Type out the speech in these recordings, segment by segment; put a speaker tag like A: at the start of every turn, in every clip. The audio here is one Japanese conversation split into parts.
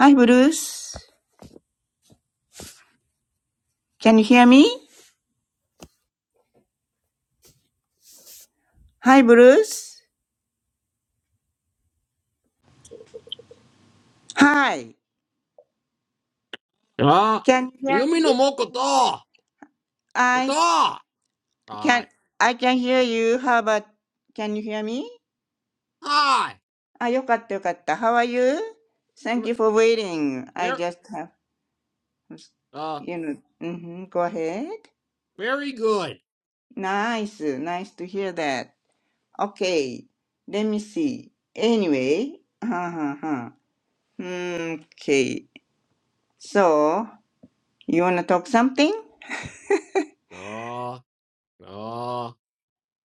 A: Hi, Bruce. Can you hear me? Hi, Bruce. Hi. Can you hear me? I can.
B: ああ、弓のもこと、こと、はい、はい、very,
A: I can hear you. How about? Can you hear me? あ、よかったよかった。How are you? Thank you for waiting. I just have,
B: uh,
A: you know, hmm go ahead.
B: very good.
A: Nice, nice to hear that. Okay, let me see. Anyway, huh, huh, huh. Mm, okay. So, you wanna talk something?
B: Uh, uh, I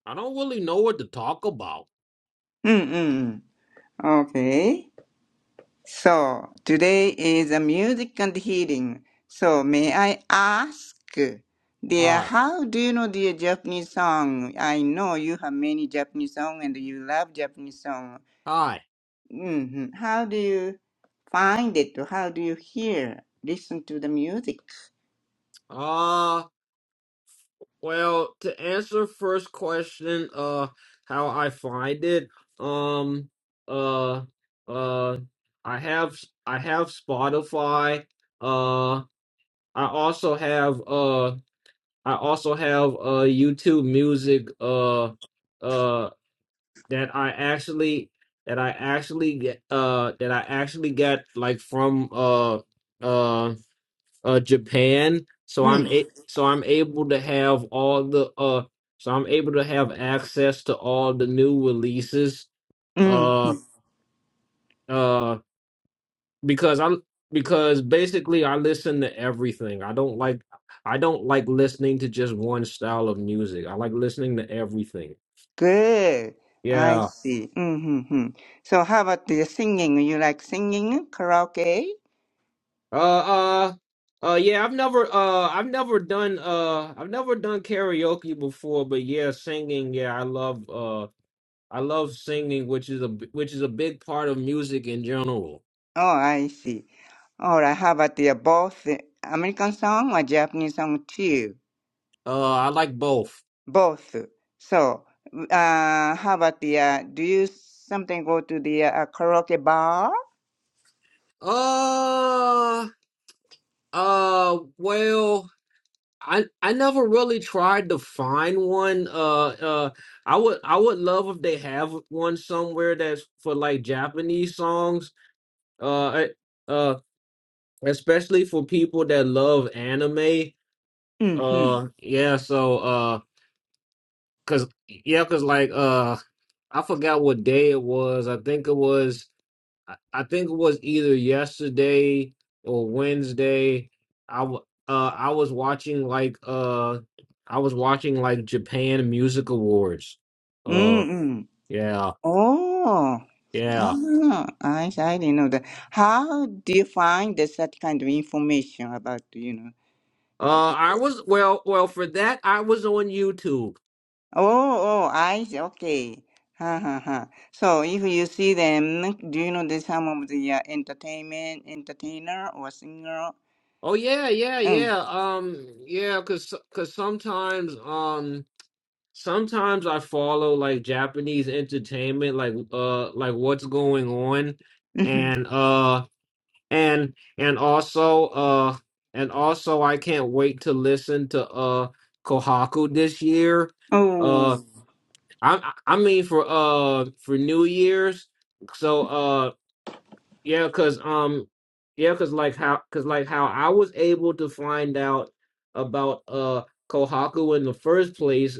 B: do don't really know what to talk about.
A: うんうんうん。Okay, so today is a music and healing. So may I ask, dear,
B: Hi,
A: how do you know the Japanese song? I know you have many Japanese song and you love Japanese song.
B: hi.
A: hmm How do you find it? How do you hear, listen to the music?
B: Uh, well, to answer first question, uh, how I find it, um, uh, uh, I have, I have Spotify, uh, I also have, uh. I also have uh YouTube music uh uh that I actually that I actually get uh that I actually got like from uh uh uh Japan so I'm
A: Mm.
B: a- so I'm able to have all the uh so I'm able to have access to all the new releases
A: Mm.
B: uh uh. because I because basically I listen to everything. I don't like I don't like listening to just one style of music. I like listening to everything.
A: Good. I
B: Yeah.
A: see. Mm-hmm. So how about the singing? You like singing karaoke?
B: Uh uh uh yeah, I've never uh I've never done uh I've never done karaoke before, but yeah, singing, yeah, I love uh I love singing, which is a b- which is a big part of music in general.
A: Oh, I see. All right. How about the both American song or Japanese song too?
B: Uh I like both.
A: Both. So, uh, how about the? Uh, do you something go to the uh, karaoke bar?
B: Uh uh well I I never really tried to find one. Uh, uh, I would I would love if they have one somewhere that's for like Japanese songs. Uh, I- uh, especially for people that love anime.
A: Mm-hmm.
B: Uh, yeah. So, uh, cause yeah, cause like uh, I forgot what day it was. I think it was. I I think it was either yesterday or Wednesday. I w- uh I was watching like uh I was watching like Japan Music Awards. Uh
A: Mm-hmm.
B: yeah,
A: Oh,
B: yeah.
A: ah, I I didn't know that. How do you find the, such kind of information about you know?
B: Uh I was well well for that I was on YouTube.
A: Oh, oh, I see. Okay. Ha ha ha. So if you see them, do you know the some of the uh, entertainment entertainer or singer?
B: Oh yeah, yeah,
A: Mm.
B: yeah. Um yeah, cuz cuz sometimes um sometimes I follow like Japanese entertainment like uh like what's going on
A: Mm-hmm.
B: and uh and and also uh and also I can't wait to listen to uh Kohaku this year. Uh
A: Oh.
B: I I mean for uh for New Year's. So uh, yeah, cause um, yeah, cause like how, cause like how I was able to find out about uh Kohaku in the first place,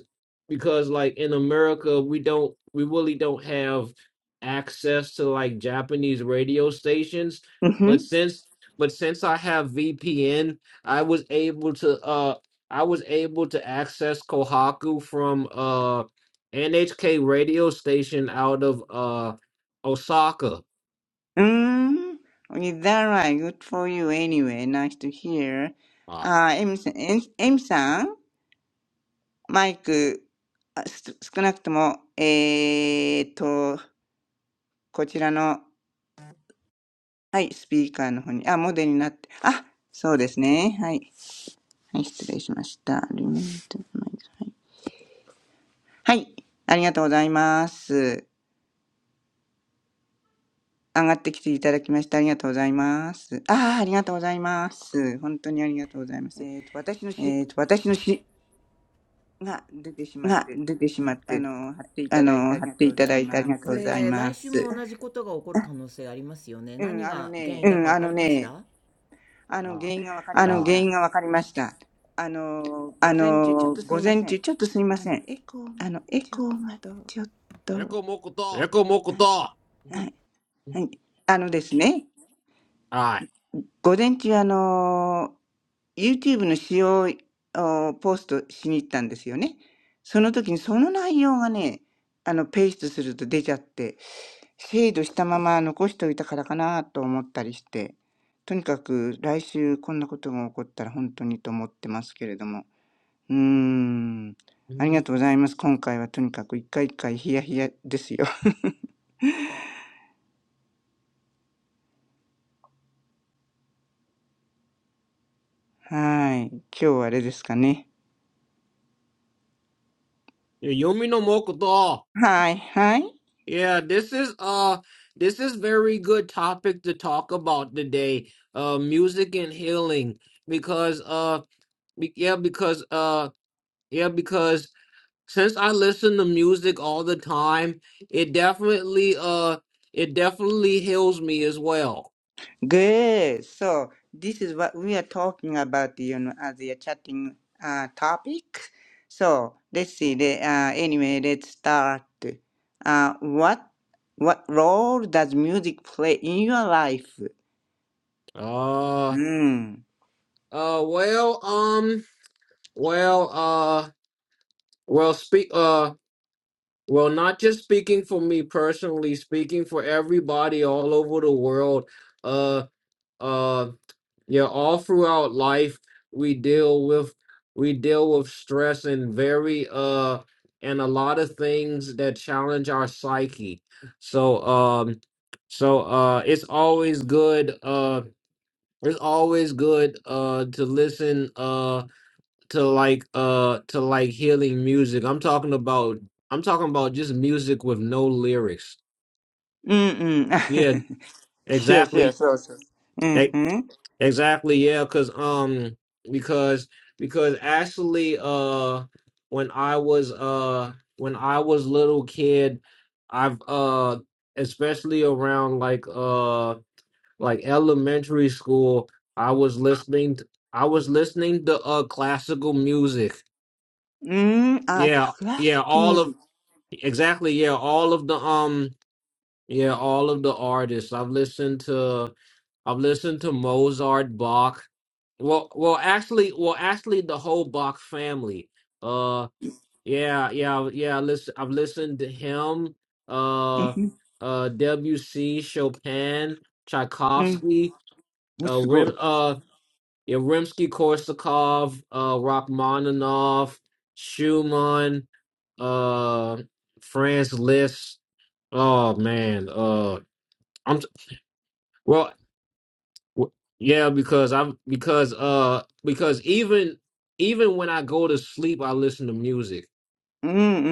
B: because like in America we don't, we really don't have access to like Japanese radio stations. But
A: Mm-hmm.
B: since, but since I have VPN, I was able to uh, I was able to access Kohaku from uh NHK radio station out of uh Osaka.
A: Mm. Is that right? Good for you anyway. Nice to hear.
B: All
A: Uh, M, M, M さん、マイク、あす少なくとも、えーっと、こちらの、はい、スピーカーの方に、あ、モデルになって、あ、そうですね。はい。はい、失礼しました。はい。はい、ありがとうございます。上がってきていただきましてありがとうございます。ああ、ありがとうございます。本当にありがとうございます。
C: えっ、と、私の詩
A: えっ、と、私の詩
C: が出てしまっ
A: が
C: て、
A: 出てしまっ
C: あ
A: て、
C: の、貼ってい
A: あ
C: ただいて
A: の、
C: あ
A: 貼
C: りが
A: って
C: と
A: い
C: うご
A: た
C: ざ
A: だ
C: い
A: いてあり
C: ま
A: が
C: す。
A: と
C: こ
A: うござい
C: れ、来
A: ま
C: 週
A: す。
C: も同じことが起こる可能性ありますよね。何が原因ね
A: う
C: だ
A: ん、
C: か分
A: あ
C: か
A: の
C: りまし
A: ね、
C: たあの、原因がわかり
A: あ
C: ま
A: の、
B: right.
C: し
A: 原
C: た。
A: 因がわかりました。
C: あの、
A: あ
C: 午前中、ちょっ
A: の、
C: とす
A: 午
C: みま
A: 前
C: せ
A: 中、
C: ん。
A: ちょっとすいま
C: あ
A: せ
C: の、
A: ん。
C: エコー
A: あ
C: が
A: の、エ
C: ちょっ
A: コーが
C: と、
A: ちょっ
C: エ
A: と、
C: コーもこと。は
B: Neko
C: い、
B: mokoto.
C: は
A: は
C: い。
A: い、はい。あのですね、
B: Ah,
A: 午前中、あの YouTube の使用をポストしに行ったんですよね。その時にその内容がね、あの、ペーストすると出ちゃって、精度したまま残しておいたからかなと思ったりして、とにかく来週こんなことが起こったら本当にと思ってますけれども。うーん。ありがとうございます。今回はとにかく一回一回ヒヤヒヤですよ。はい。今日はあれですかね。
B: Yumi no mokoto.
A: はい、はい。
B: Yeah, this is uh, this is very good topic to talk about today. Uh, music and healing because uh, be- yeah, because uh, yeah, because since I listen to music all the time, it definitely uh, it definitely heals me as well.
A: Good. So this is what we are talking about, you know, as a chatting uh, topic. So let's see. The, uh, anyway, let's start. Uh, what what role does music play in your life?
B: Uh,
A: Mm.
B: uh, well, um, well, uh, well, speak. uh, Well, not just speaking for me personally, speaking for everybody all over the world. Uh, uh, yeah, all throughout life we deal with we deal with stress and very uh and a lot of things that challenge our psyche. So, um, so uh, it's always good. Uh, it's always good uh to listen. uh to like uh to like healing music. I'm talking about I'm talking about just music with no lyrics. Yeah,
A: Mm-mm. sure, sure,
B: exactly.
A: so, so.
B: E-
A: Mm-hmm.
B: Exactly. Yeah, cuz um because because actually uh when I was uh when I was little kid, I've uh especially around like uh like elementary school, I was listening t- I was listening to uh classical music.
A: Mm, ah,
B: Yeah, yeah,
A: classic
B: all of
A: music.
B: Exactly, yeah. All of the um yeah, all of the artists. I've listened to I've listened to Mozart, Bach. Well well actually well actually the whole Bach family. Uh yeah, yeah, yeah, listen I've listened to him, uh
A: Mm-hmm.
B: uh Debussy, Chopin,
A: Mm.
B: Tchaikovsky, uh
A: すごい。
B: Rim uh yeah, Rimsky Korsakov, uh Rachmaninoff, Schumann, uh Franz Liszt Oh man, uh, I'm well, w- yeah, because I'm because uh because even even when I go to sleep, I listen to music.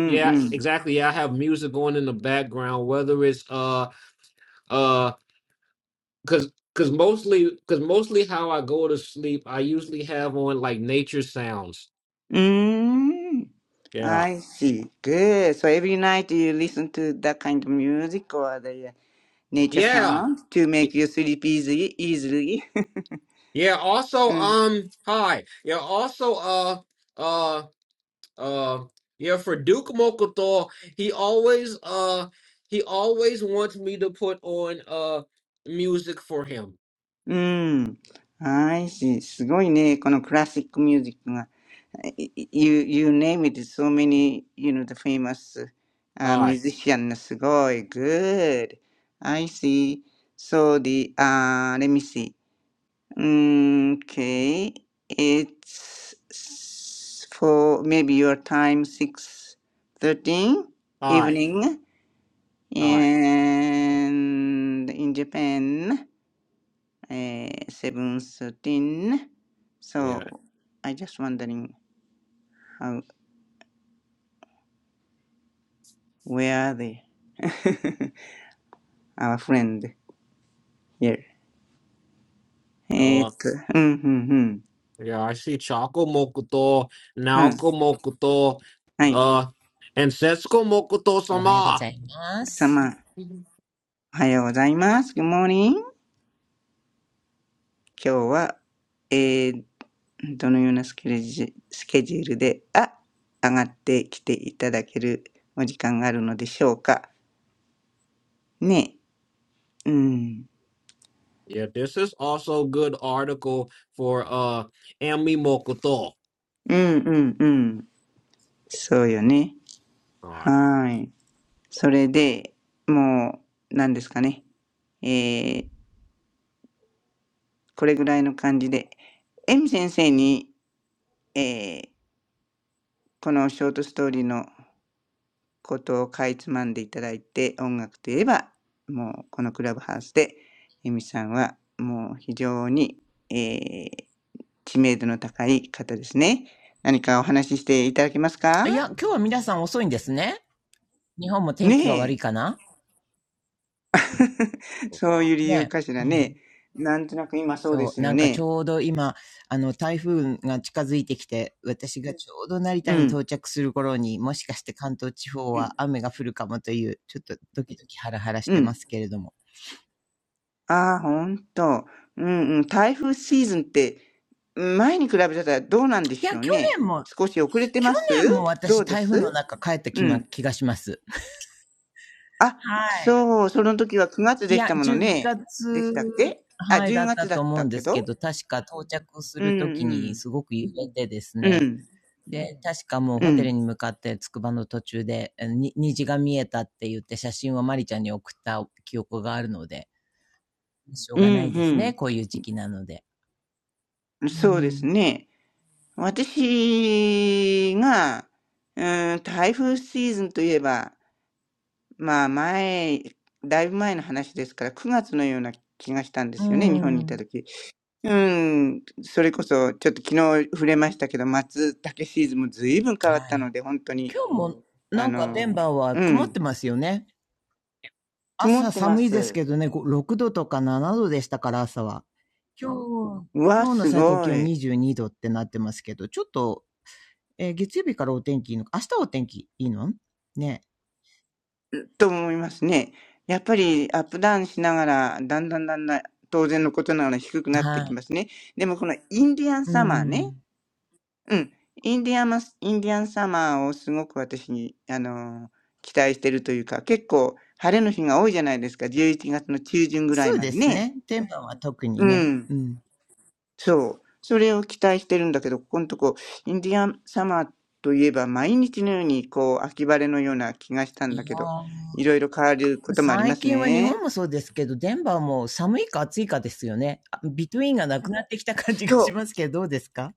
B: Yeah, exactly. I have music on in the background, whether it's uh uh because because mostly because mostly how I go to sleep, I usually have on like nature sounds.
A: Mm,
B: Yeah,
A: I see. Good. So every night you listen to that kind of music or the nature
B: yeah,
A: sound to
B: Y-
A: make you sleep easy, easily.
B: yeah. Also, um, hi. Yeah, also, uh. uh. Uh, yeah, for Duke Mokotor, he always uh he always wants me to put on uh music for him.
A: うん。うん。I see. すごいね。このクラシックミュージックが。いい You, you name it. So many, you know, the famous、uh,
B: Alright,
A: musician. すごい。Good. I see. So the, uh, let me see. Mm, Okay, it's s- for maybe your time 6:13
B: alright,
A: evening
B: alright.
A: and in Japan uh, 7:13.
B: Yeah.
A: So I just wondering how where are they? Our friend here.
B: Uh yeah, I see Choco Mokotor, Naoko Mokotor,
A: えーっと、うん、うん、うん。うん。はい。さま、おはようございます。Good
B: uh and Setsuko Mokoto
C: おはようご
B: sama.
C: ざいます。
A: morning. 今日はどのようなスケジュールスケジュールで、あ、上がってきていただけるお時間があるのでしょうか。ね。うん。
B: Yeah, this is also good article for uh Ami Mokoto.
A: うんうんうん。そうよね。
B: Alright.
A: はーい。それで、もう、何ですかね。えー、これぐらいの感じで、エミ先生に、えー、このショートストーリーのことをかいつまんでいただいて、音楽といえば、もうこのクラブハウスで、由美さんはもう非常に、えー知名度の高い方ですね。何かお話ししていただけますか
C: いや、今日は皆さん遅いんですね。日本も天気が悪い
A: ね
C: かな
A: え。そ
B: okay.
A: ういう理由
C: ね
A: かし
C: え。
A: ら
C: うん。
A: ね。なんとなく今そうで
C: そ
A: す
C: う、な
A: よ
C: んかち
A: ね。
C: ょうど今、あの、台風が近づいてきて、私がちょうど成
A: う
C: 田に
A: ん。
C: 到着する頃に、もしかして関東地方
A: う
C: は
A: ん。
C: 雨が降るかもという、ちょっとドキドキハラハラし
A: う
C: てま
A: ん。
C: すけれども。
A: ああ、ほんと。うんうん。台風シーズンって、前に比べたらどうなんで
C: いや、
A: し
C: 去
A: ょうね。
C: 年も、
A: 少し遅れて
C: 去
A: ま
C: 年
A: す
C: も
A: ど
C: 私
A: うで
C: 台風
A: す
C: の中帰った
A: う
C: 気
A: ん
C: ま、気がします。
A: あ、
C: はい。
A: そう、その時は9月
C: い
A: でし
C: や、
A: たもの
C: 10
A: ね。で
C: 月、
A: したっけあ、
C: はい、だ
A: 10
C: った
A: 月だ
C: と
A: っ
C: 思う
A: た
C: んで
A: け
C: すけ
A: ど。
C: ど、確か到着す
A: うん
C: るとき
A: う
C: に
A: ん。
C: すごく揺れてです
A: う
C: ね、
A: ん。
C: で、確かもう
A: う
C: ホテル
A: ん。
C: に向かってつくばの途中で、に虹が見えたって言って写真をマリちゃんに送った記憶があるので、しょう
A: うん
C: がないですね、こういう時期なので。
A: うん。
C: う
A: そうです
C: ん。
A: ね。私が、うーん、台風シーズンといえば、まあ前、だいぶ前の話ですから、9月のような気がしたんで
C: う
A: すよね、日本にいた
C: ん。
A: 時。うん、それこそ、ちょっと昨日触れましたけど、松茸シーズンも随分変わっ
C: は
A: たの
C: い。
A: で、本当に、
C: 今日もな
A: あ
C: んかデン
A: の、
C: バーは
A: う
C: 曇っ
A: ん。
C: てますよね。
A: 曇
C: 朝
A: ってま
C: 寒いです
A: す。
C: けどね、ご6度とか7度でしたから朝は。今日、
A: うわ、
C: 今日の
A: す
C: 最高気
A: ご
C: 温
A: い。
C: 22度ってなってますけど、ちょっと、えー月曜日からお天気いいのか、明日お天気いいのね。
A: と思いますね。やっぱりアップダウンしながら、だんだんだんだん、当然のことながら低くなって
C: は
A: き
C: い。
A: ますね。でもこのインディアン
C: う
A: サマー
C: ん。
A: ね。うん。インディアンマス、インディアンサマーをすごく私に、あの期待してるというか、結構晴れの日が多いじゃないですか。11月の中旬ぐら
C: そ
A: い
C: う
A: ま
C: で
A: で
C: す
A: ね。
C: ね。デンバーは特
A: う
C: にね。
A: ん。
C: うん。
A: そう。それを期待してるんだけど、ここのとこ、インディアンサマーといえば毎日のようにこう、秋晴れのような気がしたん
C: い
A: だ
C: や
A: けど、いろいろ変わる
C: ー
A: こともありま
C: 最
A: す
C: 近は日
A: ね。
C: 本もそうですけど、デンバーも寒いか暑いかですよね。あビトゥインがなくなってきた感じがし
A: そう。
C: ますけど、どうですか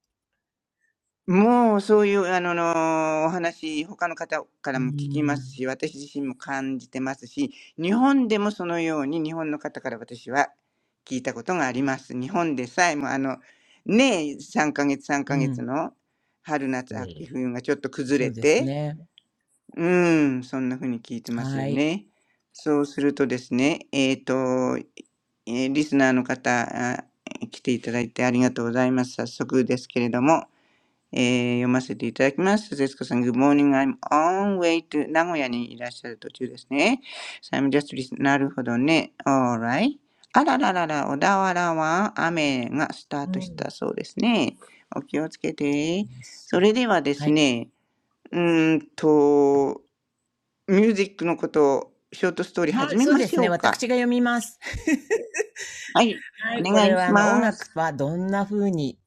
A: もうそういうあののお話、他の方から
C: う
A: も聞きます
C: ん。
A: し、私自身も感じてますし、日本でもそのように日本の方から私は聞いたことがあります。日本でさえもあの、ねえ、3ヶ月3
C: う
A: ヶ月
C: ん。
A: の春夏秋
B: Hmm.
A: 冬がちょっと崩
C: そ
A: れ
C: うです
A: て、
C: ね。
A: うーん、そんな風に聞いてます
C: は
A: よ
C: い。
A: ね。そうするとですね、えっ、と、えリスナーの方、あ来ていただいてありがとうございます。早速ですけれども、ええ読ませていただきます。節子さん、Good morning. I'm on way to 名古屋にいらっしゃる途中ですね。So I'm just listen- なるほどね。Alright. あらららら、小田原は雨がスター
C: う
A: トし
C: ん。
A: たそうですね。お気をつけて。
C: いらっしゃ
A: そ
C: い。
A: れではで
C: は
A: す
C: い。
A: ね、うーんと、ミュージックのことを、ショートストーリー
C: は
A: 始
C: い。
A: め
C: そう
A: ま
C: で
A: し
C: す
A: ょ
C: ね。
A: うか。
C: 私が読みます。
A: はい。
C: は
A: お
C: い、こ
A: 願
C: れ
A: い
C: は
A: し
C: あの音
A: ま
C: 楽
A: す。
C: はどんな風に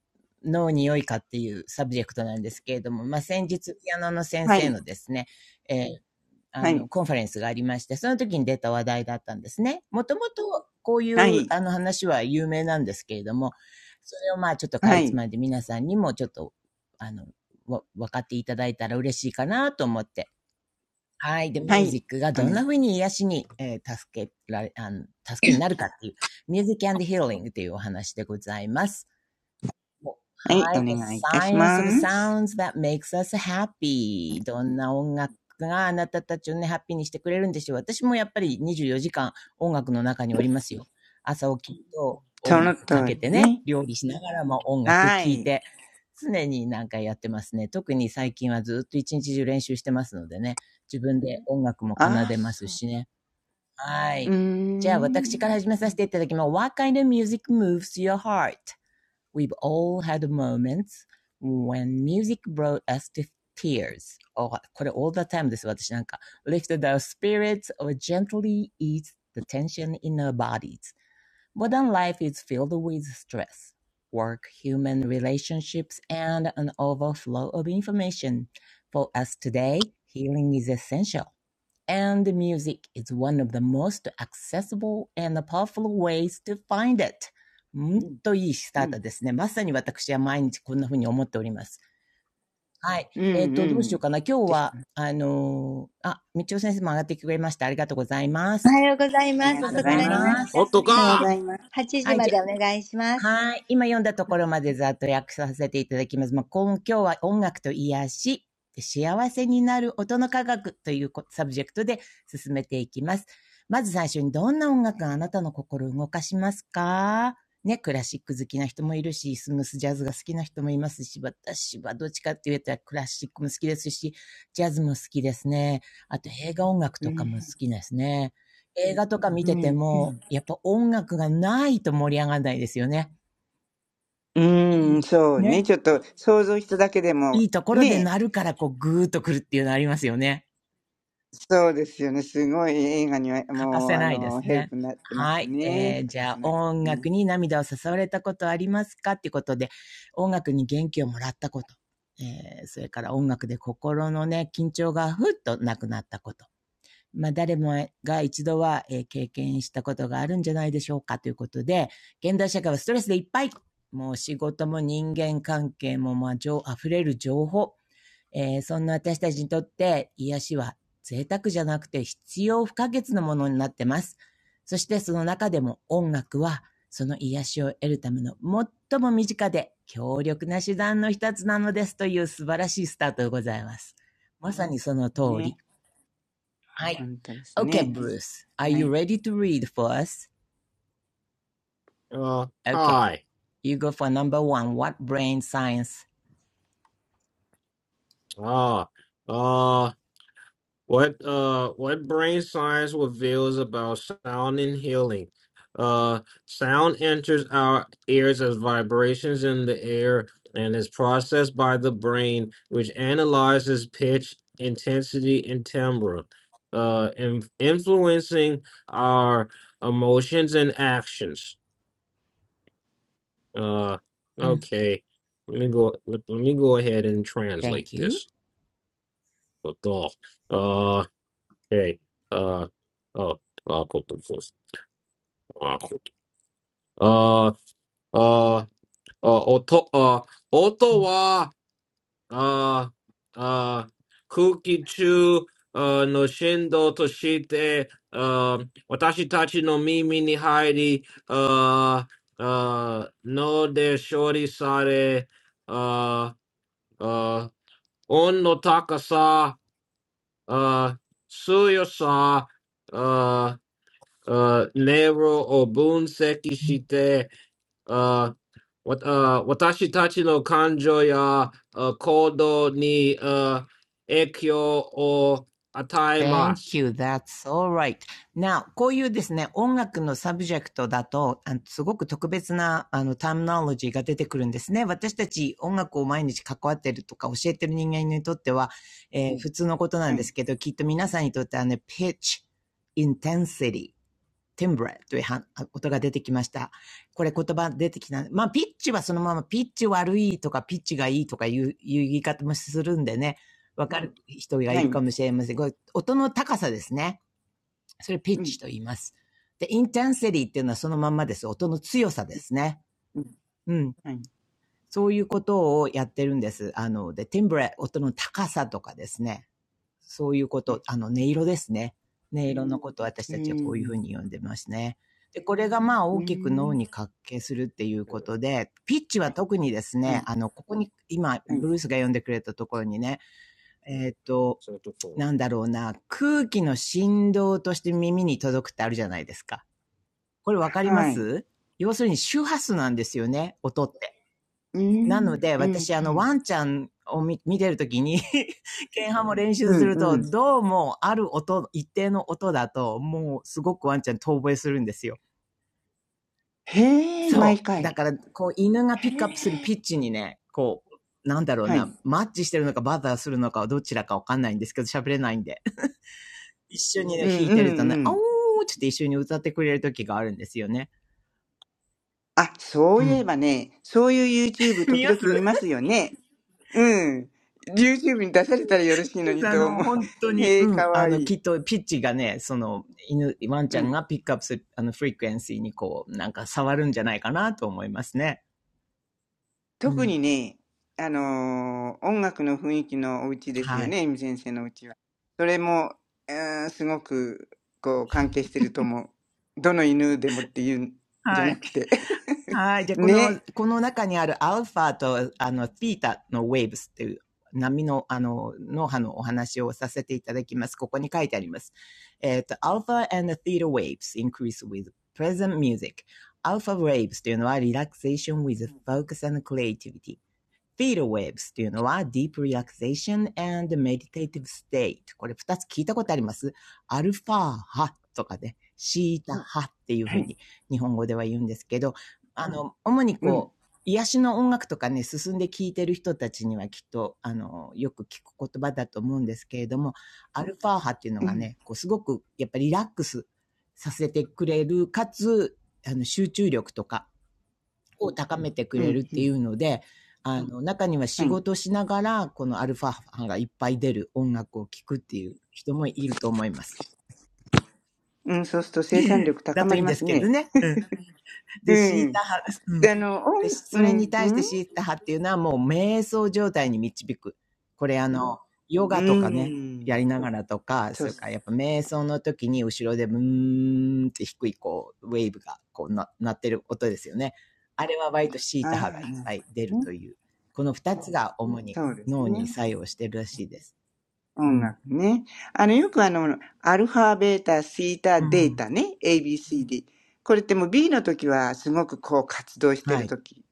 C: 脳に良いかっていうサブジェクトなんですけれども、まあ、先日ピアノの先
A: は
C: 生
A: い。
C: のですね、えー
A: は
C: あ
A: い。
C: の、コンファレンスがありまして、その時に出た話題だったんですね。もともとこうい
A: は
C: う
A: い。
C: あの話は有名なんですけれども、それをまあちょっとか
A: は
C: いつ
A: い。
C: まんで皆さんにもちょっと、あの、わ分かっていただいたら嬉しいかなと思って、はい。で、
A: は
C: ミュー
A: い。
C: ジックが
A: お
C: どんな
A: ね、
C: 風に癒しに、えー助けられ、あの、助けになるかっていう、ミュージックヒーリングというお話でございます。
A: はい。
C: はい。
A: お
C: The
A: 願いいたし
C: science of
A: ます。
C: sounds that makes us happy. どんな音楽があなたたちをね、ハッピーにしてくれるんでしょう。私もやっぱり24時間音楽の中におりますよ。朝起きると音
A: その
C: 楽か
A: 通
C: け
A: り
C: てね、
A: ね。
C: 料理しながらも音楽
A: は
C: 聴い
A: い。
C: て、常になんかやってますね。特に最近はずっと一日中練習してますのでね、自分で音楽も奏
A: ああ、
C: でます
A: そう。
C: しね。は
A: う
C: い。
A: ー
C: じゃあ私から
A: ん。
C: 始め
A: う
C: させ
A: ん。
C: ていただきます。What kind of music moves your heart? We've all had moments when music brought us to tears. Oh, これ all the time です。私なんか lifted our spirits or gently eased the tension in our bodies. Modern life is filled with stress, work, human relationships, and an overflow of information. For us today, healing is essential. and music is one of the most accessible and powerful ways to find it. んといいス
A: う
C: タート
A: ん。
C: ですね。まさに私は毎日こんな風に思っております。はい。
A: う
C: えっ、と、どうしよう
A: ん
C: かな。今日
A: でし
C: は、
A: た。
C: あのーあ、道ち先生も上がってきてくれました。ありがとうございま
D: お
C: す。
D: はようござい
A: あり
D: ます。
A: が
C: あり
A: とう
C: が
D: 遅
C: とう
A: ご
C: ご
D: く
A: ざい
C: ざ
D: な
C: い
D: りま
A: ます。
D: し
C: ま
D: た。
C: す。
D: すみ
A: お
D: ま
A: は
D: せ
A: よう
D: ん。
A: ご
B: Otoka!
D: 今
A: ざいます。
D: 日8時
C: はい。じゃ、
D: までお願いします。
C: はい。今読んだところまでざっと訳させていただきます。まあ、今今日は音楽と癒し、で幸せになる音の科学というこサブジェクトで進めていきます。まず最初にどんな音楽があなたの心を動かしますかね、クラシック好きな人もいるし、スムースジャズが好きな人もいますし、私はどっちかって言ったらクラシックも好きですし、ジャズも好きですね。あと映画音楽
A: う
C: とかも好
A: ん。
C: きですね。映画とか見
A: う
C: てて
A: ん。う
C: も、
A: ん。
C: やっぱ音楽がないと盛り上がらないですよね。
A: う
C: い
A: ーん、
C: い
A: そうね。
C: ね。
A: ちょっと想像しただけでも、
C: いいところで
A: ね
C: 鳴るから、こう、ぐーっと来るっていうのありますよね。
A: そうですよね。すごい映画には
C: 欠か
A: もう
C: せ
A: あ
C: ないで
A: の
C: す
A: ヘル
C: ね。
A: プになってま
C: は
A: す
C: い。
A: ね。
C: えー、
A: 欠
C: じ
A: か
C: ゃ
A: せ
C: あ、
A: ないで
C: 音
A: す
C: 楽
A: ね。
C: に涙を誘われたことありますかっていうことで、音楽に元気をもらったこと。えー、それから音楽で心のね、緊張がふっとなくなったこと。まあ、誰もが一度は、えー経験したことがあるんじゃないでしょうかということで、現代社会はストレスでいっぱい。もう仕事も人間関係も、まあ、情、溢れる情報。えーそんな私たちにとって癒しは贅沢じゃなくて必要不可欠なものになってます。そしてその中でも音楽はその癒しを得るための最も身近で強力な手段の一つなのですという素晴らしいスタートでございます。まさにその通り。
A: ね。
C: はい。
A: 本当です
C: Okay,
A: ね。
C: Bruce. Are
A: は
C: you
A: い。
C: ready to read for us?
B: Uh
C: Okay.
B: hi.
C: You go for number one. What brain science
B: Uh uh What uh what brain science reveals about sound and healing? Uh sound enters our ears as vibrations in the air and is processed by the brain, which analyzes pitch, intensity, and timbre, uh in- influencing our emotions and actions. Uh
C: うん。
B: okay. Let me go let, let me go ahead and translate
C: Thank you.
B: this. Uh Hey, uh, oh, ah, kotobosu, ah, ah, ah, otto, ah,
C: う
B: otto
C: ん
B: wa, ah, ah, kuki chu, ah, no shindo toshite, ah, otashitachi no mimi ni hairi, ah, ah, no de shori sare, ah, ah, on no takasu, ah, suyo sa, ah. uh, Nero Obunseki
C: うん
B: shite, uh, wat, uh, watashi tachi no kanjo ya uh, kodo ni uh, ekyo o
C: Thank
B: ataimasu.
C: you. That's alright. Now, こういうですね、音楽のサブジェクトだと、あのすごく特別な、あの、ターミナロジーが出てくるんですね。私たち音楽を毎日関わってるとか教えてる人間にとっては、えー普通のことなん
A: は
C: で
A: い。
C: すけど、きっと皆さんにとってはね、pitch, intensity timbre というは音が出てきました。これ言葉出てきた。まあ、ピッチはそのまま、ピッチ悪いとか、ピッチがいいとかいういう言い方もするんでね、わかる人がい
A: はい。
C: るかもしれません。これ音の高さですね。それピッ
A: う
C: チ
A: ん。
C: と言います。で、インテンセリーっていうのはそのまんまです。音の強さですね。
A: うん。
C: うん。
A: はい。
C: そういうことをやってるんです。あの、で、ティンブレ、音の高さとかですね。そういうこと、あの、音色ですね。音色のことを私
A: う
C: たちはこういうふう
A: ん。
C: に呼んでますね。で、これがまあ
A: う
C: 大きく
A: ん。
C: 脳に関係するっていうことで、ピッチは特にです
A: は
C: ね、
A: い。
C: あの、ここに、今、
A: はい。
C: ブルースが読んでくれたところにね、えっ、と、
B: So to four.
C: なんだろうな、空気の振動として耳に届くってあるじゃないですか。これわかりま
A: はい。
C: す要するに周波数なんですよね、音って。
A: う
C: なの
A: ん。
C: で、
A: うん。
C: 私、あの、ワンちゃんを見見てるときに、剣ハも練
A: う
C: 習す
A: ん。
C: る
A: う
C: と、
A: ん。
C: どうも、ある音、一定の音だと、もう、すごくワンちゃん遠吠えするんですよ。
A: へえ、毎
C: そう。だ
A: 回。
C: から、こう、犬がピ
A: へ
C: ックアップする
A: え。
C: ピッチにね、こう、なんだろう
A: はい。
C: な、マッチしてるのかバザーするのかはどちらかわかんないんですけど、喋れないんで。一緒にね、
A: うん。
C: 弾い
A: う
C: てると
A: ん。う
C: ね、あおー
A: ん。
C: ちょっと一緒に歌ってくれるときがあるんですよね。
A: あ、そう
C: う
A: いえ
C: ん。
A: ばね、そういう YouTube
C: 見
A: 時
C: ま
A: 々
C: す
A: 見ますよね。うん。YouTube に出されたらよろしいのに
C: あ
A: と
C: の、
A: 思う。
C: 本当に、
A: へえ、
C: うん、
A: か
C: あ
A: わい
C: の、き
A: い。
C: っと、ピッチがね、その、犬、ワン
A: う
C: ちゃん
A: ん。
C: がピックアップする、あの、フリクエンシーにこう、なんか触るんじゃないかなと思いますね。う
A: 特
C: ん。
A: にね、あのー音楽の雰囲気のお家です
C: は
A: よ
C: い。
A: ね、エミ先生のお家は。それも、えーすごく、こう、関係してると思う。どの犬でもっていうんじゃ
C: は
A: な
C: い。
A: くて。
C: はい。じゃあ、この、
A: ね。
C: この中にあるアルファと、あの、ピータのウェーブスっていう波の、あの、脳波のお話をさせていただきます。ここに書いてあります。えっ、と、アルファ and the theta waves increase with present music. アルファ waves というのは relaxation with focus and creativity. Theta waves っていうのは deep relaxation and meditative state。これ二つ聞いたことありますアルファ波とかで、シータ波っていうふ
A: は
C: う
A: い。
C: に日本語では言うんですけど、あの、主に
A: う
C: こ
A: ん。
C: う、癒しの音楽とかね、進んで聴いてる人たちにはきっと、あの、よく聞く言葉だと思うんですけれども、アルファ波っていうの
A: う
C: が
A: ん。
C: ね、こう、すごく、やっぱりリラックスさせてくれる、かつ、あの、集中力とか、を高めてく
A: う
C: れる
A: ん。
C: っ
A: う
C: てい
A: ん。
C: うので、あの、中には
A: は
C: 仕
A: い。
C: 事しながら、このアルファ波がいっぱい出る音楽を聴くっていう人もいると思います。
A: うん、そうすると生産力
C: だ
A: 高
C: と
A: ま
C: いい
A: り
C: ん
A: ま
C: です
A: す
C: けど
A: ね。
C: ね。うん。で、シ
A: う
C: ータ
A: ん。
C: 葉、うん。
A: で、あの、音、
C: で、
A: う
C: それに
A: ん。
C: 対
A: う
C: して
A: ん。
C: シータ葉っていうのはもう瞑想状態に導く。これあの、ヨ
A: う
C: ガとかね、や
A: ん。
C: りながらとか、
A: そう
C: そ
A: っ
C: れ
A: す。
C: からやっぱ瞑想の時に後ろでブーンって低いこう、ウェーブがこうな、なってる音ですよね。あれは割とシー
A: あ
C: タ
A: あ。
C: 波がい
A: な
C: っ
A: る
C: ぱ
A: ほ
C: い出
A: ど
C: る
A: ね
C: という。この二つが主に
A: そうです
C: 脳に
A: ね。
C: 作用してるらしいです。う
A: 音
C: ん。
A: 楽ね。あの、よくあの、アルファ、ベータ、シータ、
C: う
A: デー
C: ん。
A: タね。ABCD。これってもう B の時はすごくこう活動して
C: は
A: る
C: い。
A: 時。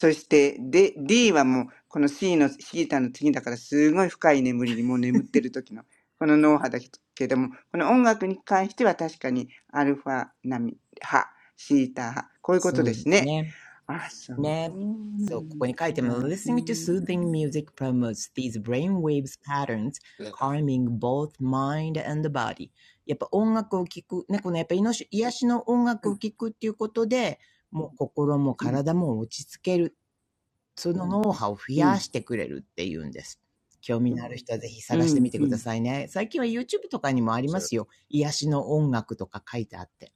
A: そして、で、D はもうこの C の、シータの次だからすごい深い眠りにもう眠ってる時の、この脳波だけども、この音楽に関しては確かにアルファ波波、シータ波こういうこと
C: そう
A: で
C: いう
A: す
C: です
A: ね。
C: ね。
A: あ、そう
C: ね。そう、ここに書いて
A: だ。
C: も、
A: う
C: listening to
A: ん。
C: soothing music promotes these brainwaves patterns, calming both mind and body. やっぱ音楽を聴く、ね、このやっぱ癒し癒しの音楽を聴くっていうことで、もう心も
A: うん。
C: 体も落ち着ける。そのノウハウを増
A: う
C: や
A: ん。
C: してくれるっていうんです。興味のある人はぜひ
A: う
C: 探してみ
A: ん。
C: て
A: う
C: くだ
A: ん。
C: さいね。最近は YouTube とかにもありますよ。癒しの音楽とか書いてあって。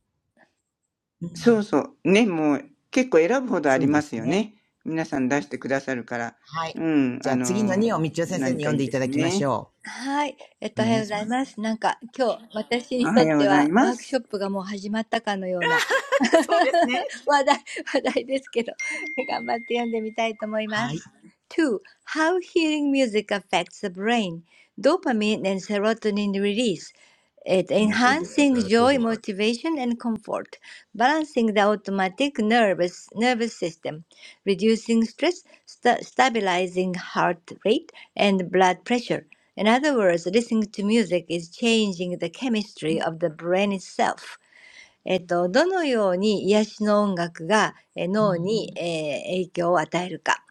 C: う
A: そう
C: ん、
A: そう。ね、もう結構選ぶほどあ
C: そ
A: り
C: うで
A: ま
C: す
A: すよ
C: ね。
A: ね。皆さん出してくださるから。
C: はい。
A: うん、
C: じゃ
A: あ
C: あ
A: の
C: 次の2をみちお先生
A: 何
C: に
A: か
C: 読ん
A: いい
C: でい
A: で
C: た
A: す
C: だきまし
A: ね。
C: ょ
D: はい。えっ
C: う。お
D: と、おはよ
C: 願
D: う
C: い
D: ご
C: し
D: ざ
C: ま
D: いま
C: す。
D: す。なんか、今日、私
A: お
D: にと
A: は
D: っ
A: ようご
D: て
A: ざ
D: は、
A: い
D: ワ
A: ま
D: ークシ
A: す。
D: ョップがもう始まったかのような 話題、話題ですけど、頑張って読んでみたいと思いま
C: はい。
D: す。2. How hearing music affects the brain. Dopamine and serotonin release. It enhancing
B: So to
D: joy,
B: more.
D: motivation, and comfort, balancing the automatic nervous nervous system, reducing stress, sta stabilizing heart rate and blood pressure. In other words, listening to music is changing the chemistry of the brain itself. えっと、どのように癒しの音楽がえ
C: う
D: 脳
C: ん。
D: に、えー影響を与えるか、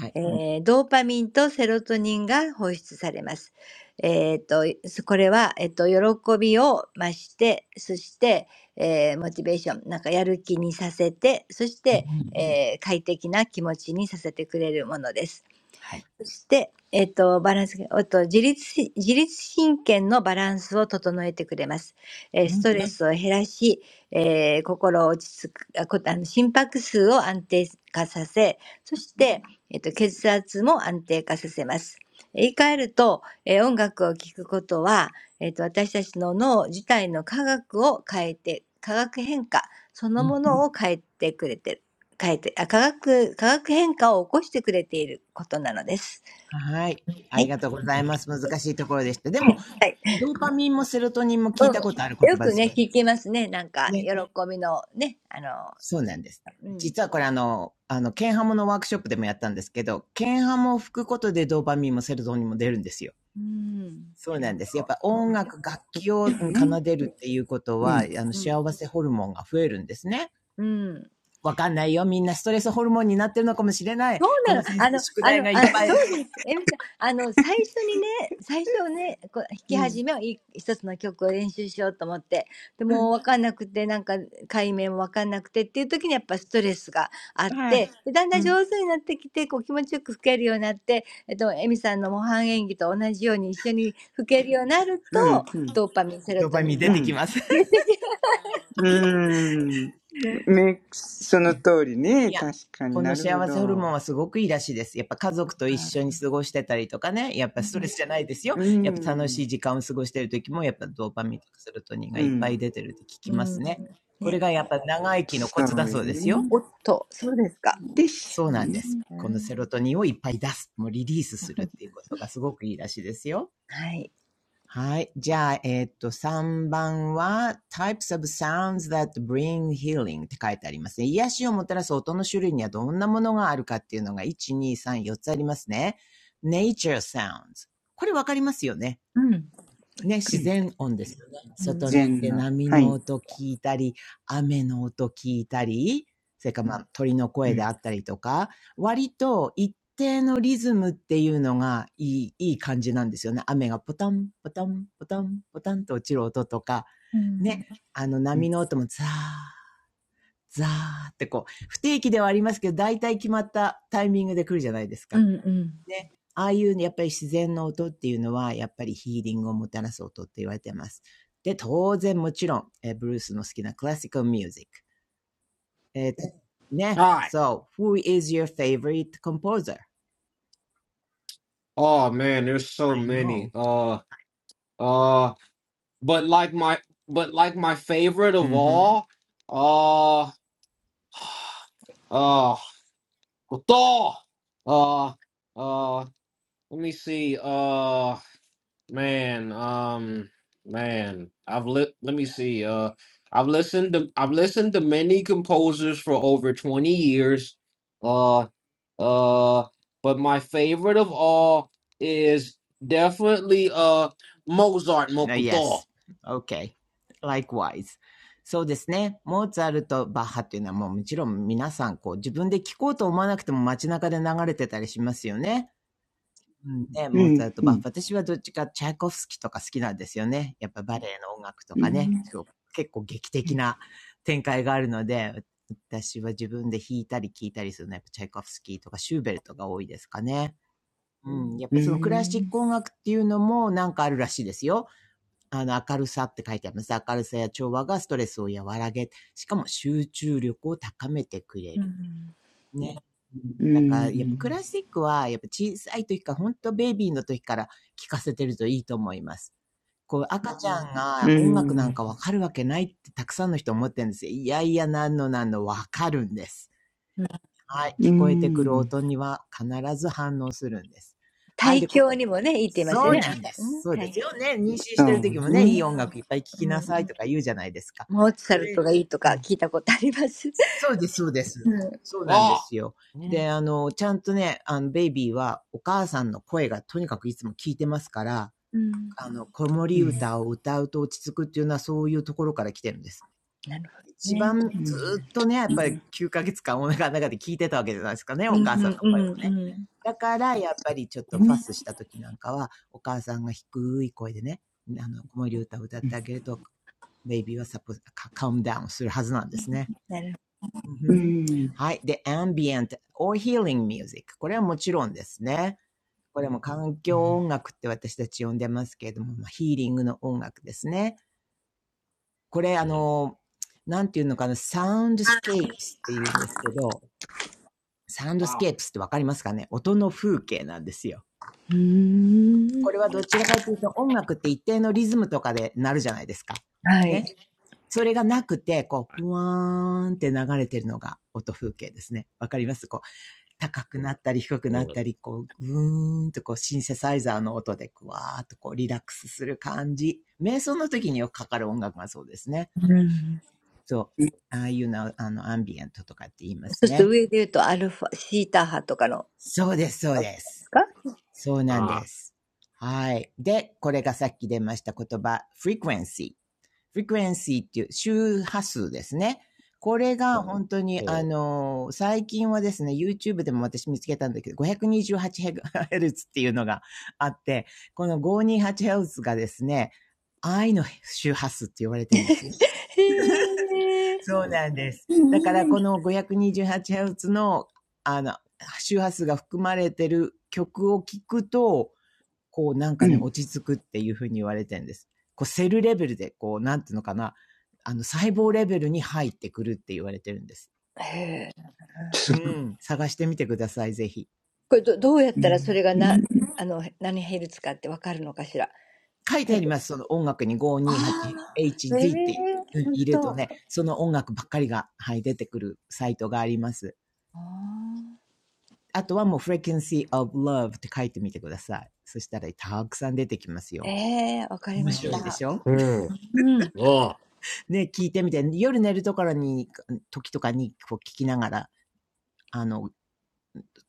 C: はい。
D: えードーパミンとセロトニンが放出されます。えーっと、これは、えっと、喜びを増して、そして、えーモチベーション、なんかやる気にさせて、そし
C: う
D: て、
C: ん。
D: えー快適な気持ちにさせてくれるものです。
C: はい。
D: そして、えっと、バランス、えっと、自律し、自律神経のバランスを整えてくれます。えー
C: う
D: ス
C: ん。
D: トレスを減らし、えー心を落ち着く、あこあの心拍数を安定化させ、そして、えっと、血圧も安定化させます。言い換えると、えー音楽を聴くことは、えっと、私たちの脳自体の化学を変えて、化学変化その
C: うん。
D: ものを変えてくれてる、変えて、あ、化学、化学変化を起こしてくれていることなのです。
C: はい。あ
D: は
C: り
D: い。
C: がとうございます。難しいところでした。でも、
D: はい。
C: ドーパミンもセロトニンも聞い
D: うん。
C: たことある言
D: よ
C: 葉で
D: く
C: すよ
D: ね、聞きますね。なんか、
C: ね。
D: 喜びのね、あの、
C: そう
D: な
C: な
D: ん
C: ん
D: か
C: です。
D: うん。
C: 実はこれあの、あの、ケンハモのワークショップでもやったんですけど、ケンハモを吹くことでドーパミンもセロトニンも出るんですよ。
D: うーん。
C: そ
D: な
C: う
D: る
C: な
D: ほ
C: ん
D: ど。
C: です。やっぱ音楽、楽器
A: で
C: を
A: も
C: 奏
A: ね。
C: でるっていうこと
A: う
C: は、
A: ん、
C: あの、
D: うん。
C: 幸せホルモンが増えるんですね。
D: うん。
C: わかんないよ。みんなストレスホルモンになってるのかもしれない。
D: そう
C: こ
D: なの。
C: の先
D: あ
C: 生、
D: の、
C: 宿
D: あ
C: 題
D: の、
C: がいっ
D: あ、
C: ぱ
D: そ
C: い、
D: うです。えみちゃん、あの、最初にね、最初ね、こう弾
A: う
D: き
A: ん、
D: 始めをい一つの曲を練習しようと思って、でも分かんなくて、なんか、解明も分かんなくてっていう時にやっぱストレスがあって、でだんだん上手になってきて、こう気持ちよく吹けるようになって、えっと、えみさんの模範演技と同じように一緒に吹けるようになる
A: う
D: と、
A: ん、うん、
D: ドーパミン、セロ
C: ドー
D: ト
C: パ
D: ニ
C: ミ
D: ン
C: ン
A: う
C: 出
D: が
C: てき
A: ん。
C: ます。
D: 出てき
A: うーん。ね、その通りね。
C: いや、
A: 確かに
C: こ
A: な
C: の
A: るほ
C: 幸せホルモ
A: ど。
C: ンはすごくいいらしいです。やっぱ家族と一
D: ます。
C: 緒に過ごしてたりとかね。やっぱ
D: う
C: ストレスじゃないですよ。
A: う
C: やっぱ楽し
A: ん、
C: い時間を過ごしてる時も、やっぱドーパミンとかセロトニンが
A: う
C: いっぱい
A: ん。
C: 出てるって聞きま
D: ん、うん
C: すね。これ
D: ね。
C: がやっぱ長生きのコ
A: そ
C: ツだ
A: う
C: そ
A: よ
C: うですよ。
A: ね。
D: おっと、そうですか。
A: です
C: そう
A: よ
C: なん
A: ね。
C: です。
D: う
C: この
D: ん
C: セロトニンをいっぱい出す。もうリリースするっていうことがすごくいいらしいですよ。
D: はい。
C: はい。じゃあ、えっと、3番は、types of sounds that bring healing って書いてありますね。癒しをもたらす音の種類にはどんなものがあるかっていうのが、1、2、3、4つありますね。nature sounds。これわかりますよね。
D: うん。
C: ね、
A: う
C: 自
A: ん。
C: 然音ですよね。外に行っ
A: 善
C: て
A: の。
C: 波
A: は
C: の
A: い。
C: 音聞いたり、雨の音聞いたり、それからまあ鳥の
A: う
C: 声で
A: ん、
C: あったりとか、割と一定のリズムっていうのがいい、いい感じなんですよね。雨がポタン、ポタン、ポタン、ポタンと落ちる音とか、
D: うん。
C: ね、あの
A: うん、
C: 波の音もザー、ザーってこう、不定期ではありますけど、大体決まったタイミングで来るじゃないですか。
D: うんうん。
C: ね。ああいうね、やっぱり自然の音っていうのは、やっぱりヒーリングをもたらす音って言われてます。で、当然もちろん、えーブルースの好きなクラシックミュージック。えーね。
B: Hi.
C: So, who is your favorite composer?
B: Oh man, there's so
C: I
B: many.
C: know.
B: Uh, uh, but like my, but like my favorite of
C: Mm-hmm.
B: all, uh, uh, Koto. uh, uh, let me see. Uh, Man, um, man, I've li let me see. Uh, I've listened to I've listened to many composers for over 20 years. Uh, uh, but my favorite of all is definitely uh Mozart
C: No,
B: Mokuto.
C: Yes. Okay. Likewise. そうですね。モーツァルト、バッハっていうのはもうもちろん皆さんこう自分で聴こうと思わなくても街中で流れてたりしますよね。うん、ね、
A: う
C: モーツァル
A: ん、
C: ト、
A: う
C: バッファ。
A: ん。
C: 私はどっちかチャイコフスキーとか好きなんですよね。やっぱバレエの音楽と
A: う
C: かね、
A: ん、
C: 結構劇
A: う
C: 的
A: ん。
C: な展開があるので、私は自分で弾いたり聴いたりするのは、やっぱチャイコフスキーとかシューベルトが多いですかね。うん、やっ
A: う
C: ぱ
A: ー
C: そのクラ
A: ん
C: シック音楽っていうのもなんかあるらしいですよ。あの、明るさって書いてあります。明るさや調和がストレスを和らげ、しかも集中力を高めてくれ
D: うん。
C: る。ね。
A: うー
C: だからやっぱク
A: ん。
C: ラシックはやっぱ小さい時から、当ベイビーの時から聴かせてるといいと思います。こう赤ちゃん
A: う
C: が
A: ー
C: 音楽な
A: ん。
C: ん
A: う
C: かわかるわけないってたくさんの人思ってるんですよ。いやいや、なんのなんのわかるんです。
D: うん。
C: はい。
A: ー
C: 聞こえてくる
A: ん。
C: 音には必ず反応するんです。はい。
D: 胎
C: で、こ
D: 教
C: こ、
D: にもね、いいって言いますよ
C: そ
A: う
C: う
D: ね。
C: な
A: ん、
D: わ
C: んで
D: かう
C: す。
D: ん。
C: そうです
D: 胎
C: よね。妊娠し
A: そ
C: てる時も
A: う
C: ね、い
D: う
C: い音
A: ね。
C: 楽いっぱい聴き
D: ん。
C: な
D: うん。
C: さいとか言うじゃないですか。
D: モーツァ
C: そ
D: ル
C: れ
D: トがいいとか聞いたことあります。
C: そうです、そうで
D: う
C: す。
D: ん。
C: そうなんで
B: Ah.
C: すよ。
B: Mm.
C: で、あの、ちゃんとね、あの、ベイビーはお母さんの声がとにかくいつも聞いてますから、
D: うん。
C: あの、子
A: う
C: 守
A: ん。
C: 歌を歌うと落ち着くっていうのはそういうところから来てるんです。
D: なるほど
C: 一
D: ね。
C: 番ず
A: うん。
C: っとね、や
A: う
C: っ
A: ん。
C: ぱり9ヶ月間お腹の中で聞いてたわけじゃないですかね、
D: うんう
C: お母さんの
D: ん
C: 声
D: う
C: を
D: ん
C: ね。
D: うん。
C: だから、やっぱりちょっ
A: う
C: とファ
A: ん。
C: スした時なんかは、お母さんが低い声でね、あの、子守歌を歌ってあげると、ベイビーはサポ、カウムダウンするはずなんですね。
D: なるほ
C: うん
A: うん。
C: はい。で、ambient or healing music。これはもちろんですね。これも環境音楽って私たち呼んでますけれども、まあ、ヒーリングの音楽ですね。これ、あの、なんていうのかな、サウンドスケープスって言うんですけど、サウンドス
B: Ah.
C: ケープスってわかりますかね音の風景なんですよ。
D: どうーん。
C: これはどちらかというと音楽って一定のリズムとかでなるじゃないですか。
D: はい。
C: ね。それがなくて、こう、ふわーんって流れてるのが音風景ですね。わかりますこう高くなったり低くなっ
B: Mm.
C: たり、こう、ぐーんとこう、シンセサイザーの音で、ぐわーっとこう、リラックスする感じ。瞑想の時によくかかる音楽がそうですね。
D: うん。
C: そう。ああいうな、あの、アンビエントとかって言いま
D: そ
C: す
D: うすると
C: ね。
D: 上で言うとアルファ、シータ派とかの、
C: そうです、そう
D: うで
C: です。
D: すか
C: そうなん
B: Ah.
C: です。はい。で、これがさっき出ました言葉、frequency。frequency っていう周波数ですね。これが本当に、あのー、最近はですね、YouTube でも私見つけたんだけど、528Hz っていうのがあって、この 528Hz がですね、愛の周波数って言われてるんですよ。
D: へ
B: Mm.
D: え。
C: そうなんです。だからこの 528Hz の、あの、周波数が含まれてる曲を聴くと、こうなん
A: う
C: かね、
A: ん。
C: 落ち着くっていうふうに言われてるんです。こうセルレベルで、こう、なんていうのかな、あの、細胞レベルに入ってくるって言われてるんです。
D: へえ。
A: す
C: う
A: ご
C: ん。探してみてください、ぜひ。
D: これど、どうやっ
A: う
D: たらそ
A: ん。
D: れが
A: う
D: な、
A: ん。
D: あの、何ヘルツかってわかるのかしら。
C: 書いてあります。その音楽に
D: ああ、ええ、
C: 528HZ って
D: ほん
C: 入れると
D: と。
C: ね、その音楽ばっかりが、はい、出てくるサイトがあります。
D: ああ、
C: あとはもう Frequency of Love って書いてみてください。そしたらたくさん出てきますよ。
D: ええ、わかり
C: 面
D: まし
C: 白いで
D: た。
C: しょ
B: Mm.
D: うん。
B: Ah.
C: ね、聞いてみて、夜寝るところに、時とかにこう聞きながら、あの、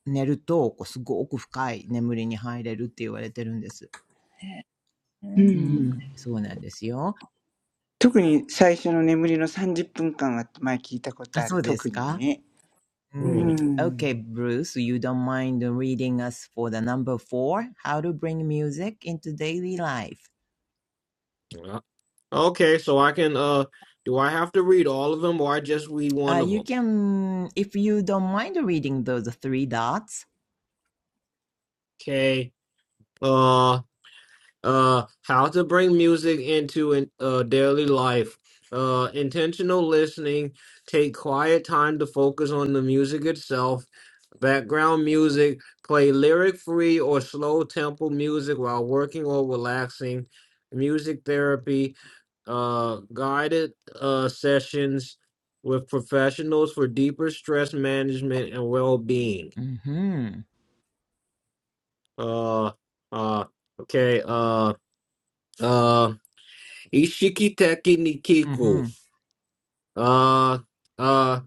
C: 寝ると、こうすごく深い眠りに入れるって言われてるんです。
D: う
A: う
C: う
D: ん。
A: ん。
C: ん、そうなんですよ。
A: 特に最初の眠りの30分間は前聞いたこ
C: あ、
A: とあ
C: そ
A: る。
C: うです
A: 特に
C: か
A: ね。
C: う
A: うー
C: ん。Mm.
B: Mm.
A: ん。
C: Okay, Bruce, you don't mind reading us for the number four, how to bring music into daily life.
B: Ah. Okay, so I can uh do I have to read all of them or I just read one
C: Uh,
B: of them?
C: you can, if you don't mind reading those three dots.
B: Okay. Uh uh how to bring music into in, uh daily life. Uh intentional listening, take quiet time to focus on the music itself. Background music, play lyric free or slow tempo music while working or relaxing. Music therapy, uh guided uh sessions with professionals for deeper stress management and well-being.
C: うんふん。
B: Uh uh okay, Uh. uh Ishikiteki
C: うんふ
B: Nikiku.
C: ん。
B: Uh uh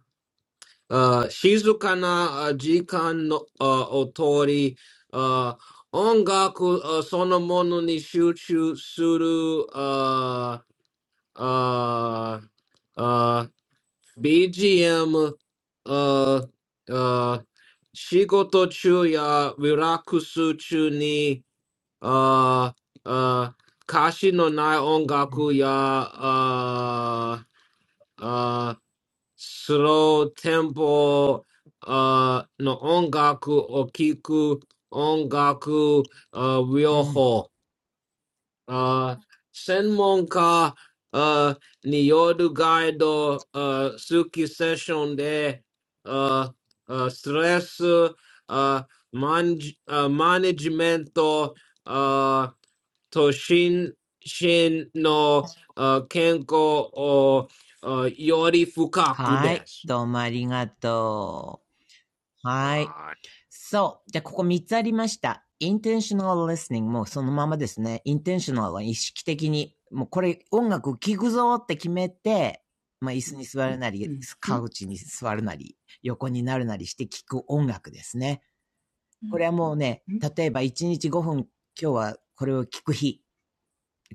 B: uh Shizukana uh, Jikan no uh Otori uh Ongaku uh, Sonomono ni Shuchu Suru uh uh uh BGM uh uh Shigoto chu ya Virakusu chu ni uh uh Kashi no nai ongaku ya Uh, Uh, slow tempo. Uh, no, music. Oki ku music. Uh,
C: うん。
B: vioho.
C: はい。
B: あー専門家あーによるガイド、あー好きセッションで、あーあーストレス、あーマンジあーマネジメント、あーと心身のあー健康をあーより深くです。はい。うん。うん。うん。そうですかうん。うん。うん。そうか。そうか。
C: どうもありがとう。はい。そう。じゃあ、ここ3つありました。intentional listening もそのままですね。intentional は意識的に、もうこれ音楽聴くぞって決めて、まあ、椅子に座るな
A: う
C: り、
A: ん。う
C: カウチに座るなり、横になるなりして聴く音楽ですね。これはもうね、
A: ん。
C: 例えば1日5分、今日はこれを聴く日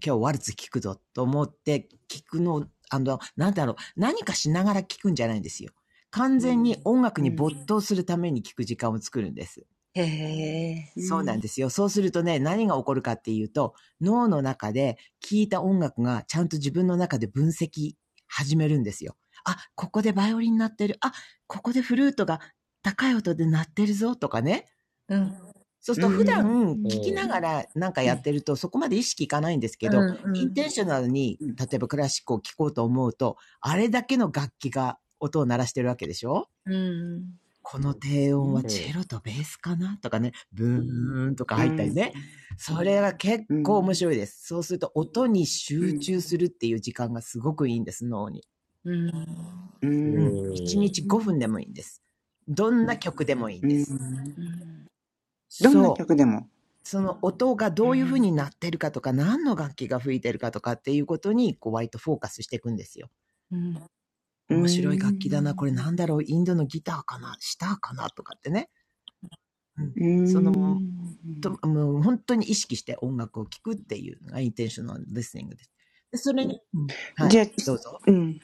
C: 今日ワルツ聞くぞと思って聞くの、あの、なんだろう、何かしながら聞くんじゃないんですよ。完全に音楽
A: うん。う
C: に
A: ん。
C: 没頭するために聞く時間を作るんです。
D: へえ。
A: う
C: そうなん
A: ん。
C: ですよ。そうするとね、何が起こるかっていうと、脳の中で聞いた音楽がちゃんと自分の中で分析始めるんですよ。あ、ここでバイオリン鳴ってる。あ、ここでフルートが高い音で鳴ってるぞとかね。
D: うん。
C: そうする
A: う
C: と普
A: ん。
C: 段聞きながらなんか
A: う
C: やっ
A: ん。
C: てるとそこまで意識いかないんです
D: う
C: けど、
D: んう
C: インテン
D: ん。
C: ショナルに
A: うん。で
C: 例えばクラシックを聴こうと思うと、あれだけの楽器が音を鳴らしてるわけでしょ
D: うん
C: この
A: す
C: 低
A: ね。
C: 音はチェロとベースかなとかね、ブーンとか
A: う
C: 入ったり
A: ん。
C: ね。それが結
A: う
C: 構面
A: ん。
C: 白いです。そうすると音に
A: う
C: 集
A: ん。
C: 中するっていう時間がすごくいいんです、脳に。
D: うん。うん
A: う
C: う
A: ん。
C: ん。1日5分でもいいんです。どんな曲でもいいん
A: うん。う
C: です。
A: ん。
D: うん。
A: どんな
C: そう。
A: 曲でも。
C: その音が
A: う
C: ど
A: ー
C: ういうふう
A: ん。
C: になってるかとか、何の楽器が吹いてるかとかっていうことに、こう、割とフォーカスしていくんですよ。
D: うんうん。
C: 面白い楽器だな、これなんだろう、インドのギターかな、シターかな、とかってね。うん。
A: う
C: そ
A: ー
C: の、
A: ん。
C: ともう本当に意識して音楽を聴くっていうのがインテンショナルリスニングです。でそれに、うん、はい、
A: じゃあ、
C: どうぞ。
A: うん。ん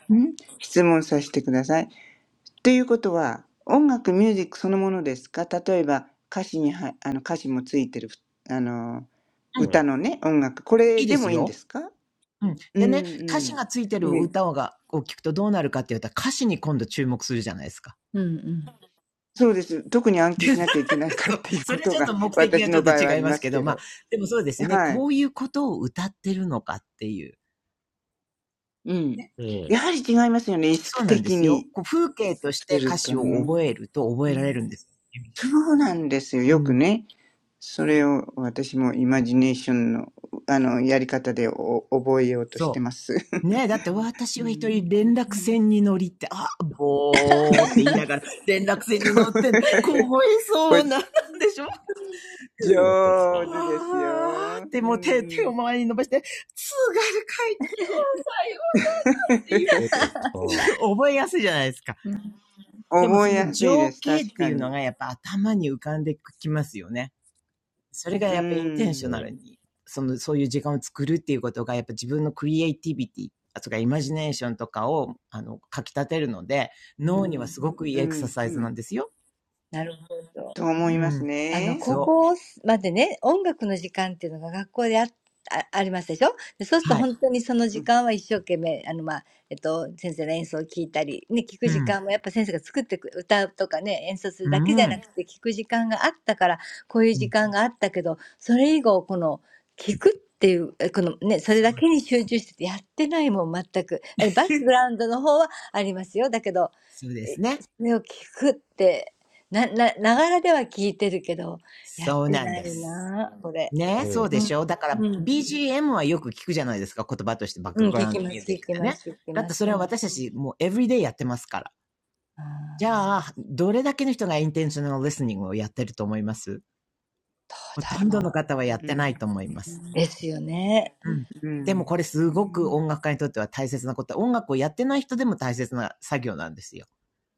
A: 質問させてください。ということは、音楽、ミュージックそのものですか例えば、歌詞には、あの、歌詞もついてる、あの、
C: うん、
A: 歌のね、音楽。これ
C: いいで
A: で
C: す
A: もいいんで
C: よ。
A: すか
C: うん。
A: う
C: でね、歌詞
A: ん
C: がついて
A: うん。
C: る
A: ね
C: 歌をがを聴くとどうなるかって言ったら歌詞に今度注目するじゃないですか。
D: うん。
A: そうです。特に暗記しなきゃいけないから
C: そ
A: っていうこ
C: れは
A: と
C: ちょっ
A: が、
C: と目的が
A: 私
C: ちょっ
A: の
C: と
A: 場合はあ
C: 違い
A: り
C: ま
A: ま
C: す
A: す
C: けど、
A: け
C: まあ、
A: ど。
C: でもそうですね。
A: はい。
C: こういうことを歌ってるのかっていう。
A: うん。
C: ね。
A: やはり違いますよね。意
C: そう
A: 識
C: なんで
A: 的
C: すよ。
A: に
C: こう風景とし
A: す
C: て
A: る
C: 歌詞
A: と
C: を
A: ね。
C: 覚えると覚えられるんです。
A: そうなんですよ。
C: う
A: よく
C: ん。
A: ね、それを私もイマジネーションの、あの、やり方でお覚えようとして
C: そう。
A: ます。
C: ねだって 私
A: う
C: は一
A: ん、
C: 人連絡船に乗りって、あ、ぼーって言いな がら連絡船に乗ってんの、凍え
A: お
C: そうな、なんでしょ
A: 上手ですよ。う
C: あーってもう
A: ん、
C: 手、手
A: う
C: を
A: ん
C: 周りに伸ばして、津軽海峡さよっていう、覚えやすいじゃないですか。
D: うん
C: でもそ
A: 覚え
C: の
A: やすい
C: 情
A: です、
C: 景っ
A: 確
C: て
A: か
C: いうの
A: に。
C: がやっぱ頭に浮かんできますよね。それが
A: う
C: やっぱインテンショナル
A: ん、
C: に、その、そういう時間を作るっていうことがやっぱ自分のクリエイティビティ、あとかイマジネーションとかを、あの、かき立てるので、
D: うん。
C: 脳 にはすごくいい
A: う
C: エクサ
A: ん、
C: サイ
A: う
C: ズなん
A: ん。
C: ですよ。
D: なるほど。
A: と思いま
C: う
A: す
C: ん。
D: あの、
A: ね。
D: 高
C: そう。
D: 校までね、音楽の時間っていうのが学校であ、あ、ありますでしょで、そうすると
C: はい。
D: 本当にその
A: う
D: 時
A: ん、
D: 間は一生懸命、あの、まあ、えっと、先生の演奏を聞いたり、ね、聞く
C: う
D: 時
C: ん。
D: 間もやっぱ先生が作ってく、歌うとかね、演奏する
C: う
D: だけじゃな
C: ん。
D: くて聞く時間があったから、こういう
C: う
D: 時
C: ん
D: 間があったけど、それ以後、この、聞くっていう、えこのね、それ
C: そ
D: だ
C: う
D: け
C: で
D: に
C: す。
D: 集中しててやってないもん、全く。あれ、バックグラウンドの方はありますよ。だけど、
C: そうで
D: え
C: すね。
D: それを聞くって、ななながらでは聞いてるけど、やっ
C: そう
D: て
C: なん
D: な
C: で
D: い
C: す。
D: な、これ。
C: ね、そうで
D: う
C: し
D: ん。
C: ょだから
D: うん。
C: BGM はよく聞くじゃないですか。言葉としてバック
D: うん、
C: グ
D: 聞
C: ラウン
D: き
C: ド
D: ま
C: ミュ
D: す
C: ージッ
D: 聞き
C: クで
D: ま
C: ね。
D: す聞き
C: だっ
D: ま
C: て
D: す。
C: それ
D: う
C: は
D: ん。
C: 私たちもうエブリデイやってますから。
D: あ
C: じ
D: あ、そ
C: ゃあ、どれだけの人がインテンショナルリスニングをやってると思います
D: う
C: ほとん
D: だ
C: ど
D: ろう。
C: の方はやっ
A: う
C: てな
A: ん、
C: いと思います。
D: ですよね。
C: うん。
A: うん、う
C: でもこ
A: ん、
C: れすごく音楽家にとっては大切なこと。音楽をやってない人でも大切な作業なんですよ。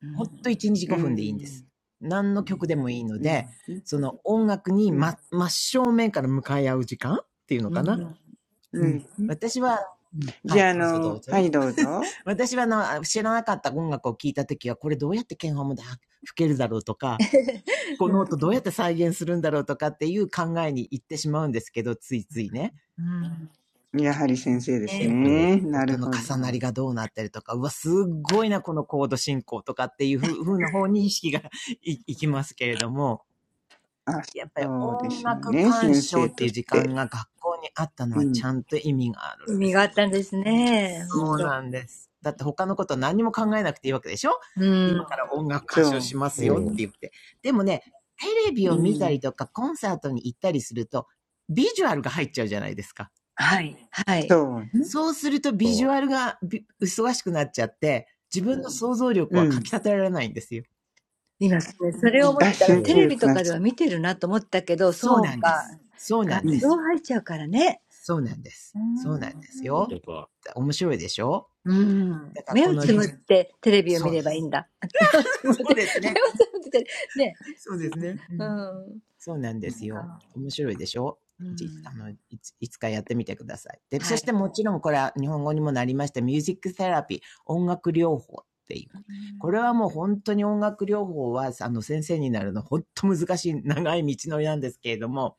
D: う
C: ほん
D: ん。
C: と1日5
A: うん、う
C: 分でいいん
A: ん、
C: です。何の曲でもいいの
A: うん。
C: で、その音楽に
A: うん
C: ま、真正面から向かい合う時間っていうの
D: う
C: かな
D: ん。
C: う
A: う
C: ん。
A: ん
C: 私はうん、は
A: じ
C: い、
A: ゃあ、あ
C: どうぞど
A: の、
C: う
A: は
C: ぞ。
A: い、どうぞ。
C: 私はあの、あ知らなかった音楽を聴いた時は、これどうやって鍵盤までは吹けるだろうとか、こ
D: う
C: の音
D: ん。
C: どうやって再現するんだろうとかっていう考えに行ってしまうんですけど、ついついね。
D: うん。
A: やはり先生です
C: で
D: ね、
C: も、
A: ね。な
C: 音
A: る
C: の
A: ほど。
C: 重なりがどうなったりとか、うわ、すっごいな、このコード進行とかっていうふうな方に意識が いいきますけれども、
A: あ、
C: やっぱり
A: そうで
C: 音
A: しょう
C: 楽
A: ね。
C: 鑑
A: 先
C: 賞
A: 生
C: って
A: と
C: いう
A: し
C: 時
A: て。
C: 間が学校にあったの
A: う
C: はち
A: ん。
C: ゃんと意味があ
D: 意
C: るんで
D: 味
C: す
D: が
C: よ。
D: あったんですね、
A: う
C: そう
D: ほん
A: ん。
D: と。
C: なんです。だって他のこと何にも考えなくていいわけでしょ
D: う
C: 今か
D: ん。
C: ら音楽
A: そ
C: 鑑賞
A: う
C: しますよって
A: ね。
C: 言って。でもね、テレビ
A: う
C: を見たり
A: ん。
C: とかコンサートに行ったりすると、ビジュアルが入っちゃうじゃないですか。
D: はい。
A: そうね。
C: そうするとビジュアルが忙しくなっちゃって、自分の想像力
A: う
C: はかき
A: ん。
C: 立てられないんですよ。
D: 今それそれを思っ
A: あ、
D: てたら、
A: 集
D: テ
A: 中
D: レビ
A: 力
D: と
A: が
D: かで
A: つく。
D: は見てるなと思ったけど、
C: そう
D: そ
C: な
D: う
C: んで
D: か。
C: す。そう
D: 画
C: なん
A: う
C: で
D: 像
A: ん。
C: す。
D: 入っちゃうからね。
C: そうなんです。そうなんですよ。面白いでしょ
D: うん。
C: だから
D: 目
C: こ
D: を
C: の、
A: う
D: つむっ
A: ん。
D: てテレビを
C: そ
D: 見
C: うで
D: ればいいん
C: す。
D: だ。あ目をつむっ
C: そう
D: て、
C: です
D: 目を
C: ね。
D: つむって、ね。
C: そうですね。う
D: う
C: ん
D: ん。
C: そうなんですよ。面白いでしょ
D: う
C: い
D: ん。
C: あのいついつかやってみてください。で、そ
D: は
C: し
D: い。
C: てもちろんこれは日本語にもなりました、ミュージックセラピー、音楽療法っていう。これはもう本当に音楽療法は、あの先生になるの本当難しい長い道のりなんですけれども、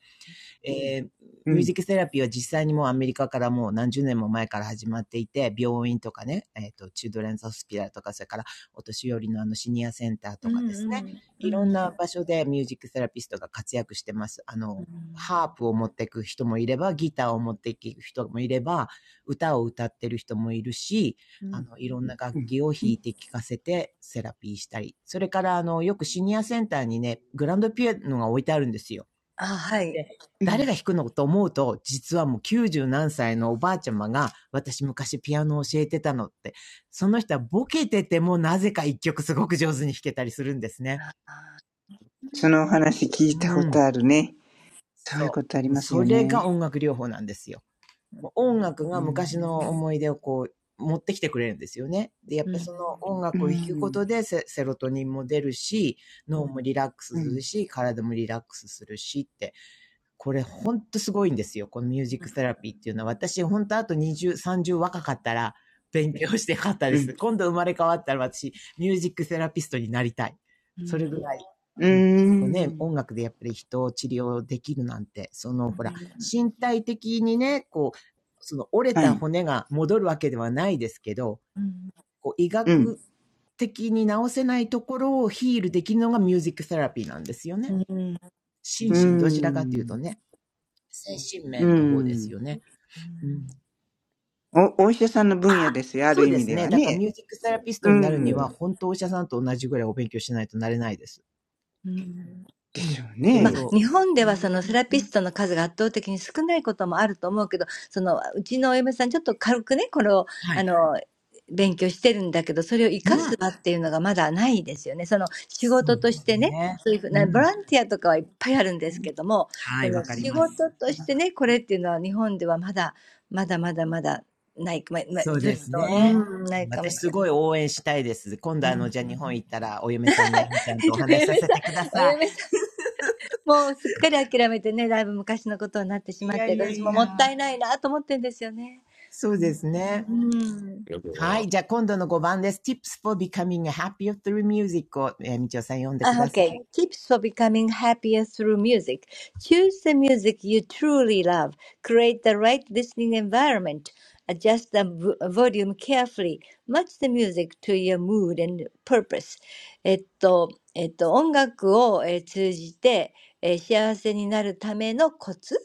C: えー
A: う
C: ミュージ
A: ん。
C: ックセラピーは実際にもうアメリカからもう何十年も前から始まっていて、病院とかね、えっ、と、チュードレンズホスピタルとか、それからお年寄りのあのシニアセンター
D: う
C: と
D: ん
C: かです
D: う
C: ね、
D: ん。う
C: いろん
D: ん。
C: な場所でミュージックセラピストが活躍してます。あの、ハープを持っていく人もいれば、ギターを持っていく人もいれば、歌を歌ってる人もいるし、
D: う
C: あ
D: ん。
C: の、いろんな楽
A: う
C: 器を弾
A: ん。
C: いて聴かせてセラピーしたり。それから、あの、よくシニアセンターにね、グランドピアノが置いてあるんですよ。
D: あ、はい。
C: で、
A: う
C: 誰
A: ん。
C: が弾くのと思うと、実はもう90何歳のおばあちゃまが、私昔ピアノを教えてたのって、その人はボケててもなぜか一曲すごく上手に弾けたりするんですね。
A: そのお話聞
C: う
A: いたこ
C: ん。
A: とあるね。そういう
C: そ
A: ことあ
C: う。
A: り
C: もう
A: ます
C: そ
A: よ
C: れが
A: ね。
C: 音楽療法なんですよ。もう音楽
A: うー
C: が昔
A: ん。
C: の思い出をこう、持ってきてくれるんですよね。で、やっ
D: う
C: ぱりそ
D: ん。
C: の音
A: うー
C: 楽を弾くこ
A: ん。
C: とでセロトニンも出るし、脳もリラックス
A: う
C: する
A: ん。
C: し、体もリラックスするしって。これほんとすごいんですよ。このミュージックセラピーっていうのは、私ほんとあと20、30若かったら勉強してよかったで
A: うん。
C: す。今度生まれ変わったら私、ミュージックセラピストになりたい。それぐらい。
A: う
C: うん。こう
A: ー
C: ね、
A: ん。
C: 音楽でやっぱり人を治療できるなんて、そのほら、身体的にね、こう、その折れ
A: は
C: た
A: い。
C: 骨が戻るわけではないですけど、こう医
A: うん。
C: 学的に治せないところをヒールできるのがミュージックセラピーなんですよね。心
A: うー
C: 身どちらかというと
A: ん。
C: ね。精神
A: うー
C: 面の方です
A: ん。
C: よね。うん。
A: お、お医者さんの分野ですよ。ある
C: そう
A: 意
C: で
A: 味
C: す
A: では
C: ね。だから
A: ね。
C: ミュージックセラピスト
A: う
C: になるには、
A: ん。
C: 本当お医者さんと同じぐらいお勉強しないとなれないです。
A: で
C: うん。
A: しょう
D: まあ、
A: ね。
C: そう。
D: 日本で
A: う
D: は
A: ん。
D: そのセラピストの数が圧倒的に少ないこともあると思うけど、そのうちのお嫁さん、ちょっと軽くね、これを
C: は
D: あ
C: い。
D: の勉強してるんだけど、それを活
C: う
D: かす
C: ん。
D: 場っていうのがまだないですよね。その仕
C: そ
D: 事
C: うで
D: とし
C: す
D: てね、
C: ね。
D: そういうふうな
C: う
D: ボラ
C: ん。
D: ンティアとかはいっぱいあるんですけども、
C: は
D: そ
C: い、
D: の
C: わかり
D: 仕
C: ます。
D: 事としてね、これっていうのは日本ではまだまだまだまだない、まま
C: そう
D: ずっ
C: です
D: と、う
C: ね。
D: ん、ないかも
C: 私
D: し
C: す
D: れない。
C: ごい応援したいです。今度あの、じゃあ日本行ったらお嫁さんのえみちゃんとお
D: お
C: 話しさ
D: 嫁
C: せてくだ
D: さん、お
C: さ
D: 嫁さんもうすっかり諦めてね、だいぶ昔のことになってし
C: い。い
D: まっ
C: や
D: て、
C: いや
D: 私
C: い
D: も
C: や。
D: もったいないなと思ってんですよね。
C: そう
D: う
C: ですね。
D: ん。
C: はい。じゃあ今度の5番です。Tips for becoming a happier through music を、えみちおさん読んでく
D: Uh,
C: ださ
D: Okay,
C: い。
D: tips for becoming happier through music. Choose the music you truly love. Create the right listening environment. Adjust the v- volume carefully. Match the music to your mood and purpose. えっと、えっと、音楽を、えー通じて、えー幸せになるためのコツ、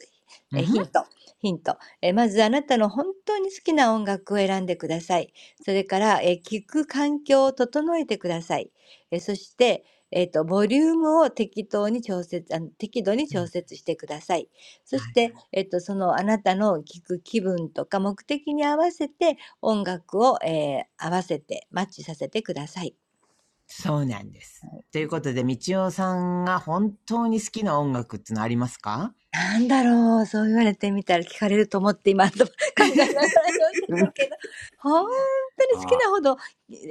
C: う
D: えー
C: ん
D: ヒント、ヒント、えーまずあなたの本当に好きな音楽を選んでください。それから、えー聞く環境を整えてください。えーそして、えっと、ボリュームを適当に調節、あの、適度に
C: うん、
D: 調節してください。そ
C: は
D: し
C: い。
D: て、えっと、そのあなたの聞く気分とか目的に合わせて音楽を、えー合わせてマッチさせてください。
C: そうなんです。ということで、みちおさんが本当に好きな音楽ってのありますか？
D: なんだろう、そう言われてみたら聞かれると思って今 考えながら読んで
A: うん
D: たけど、本当に好きなほど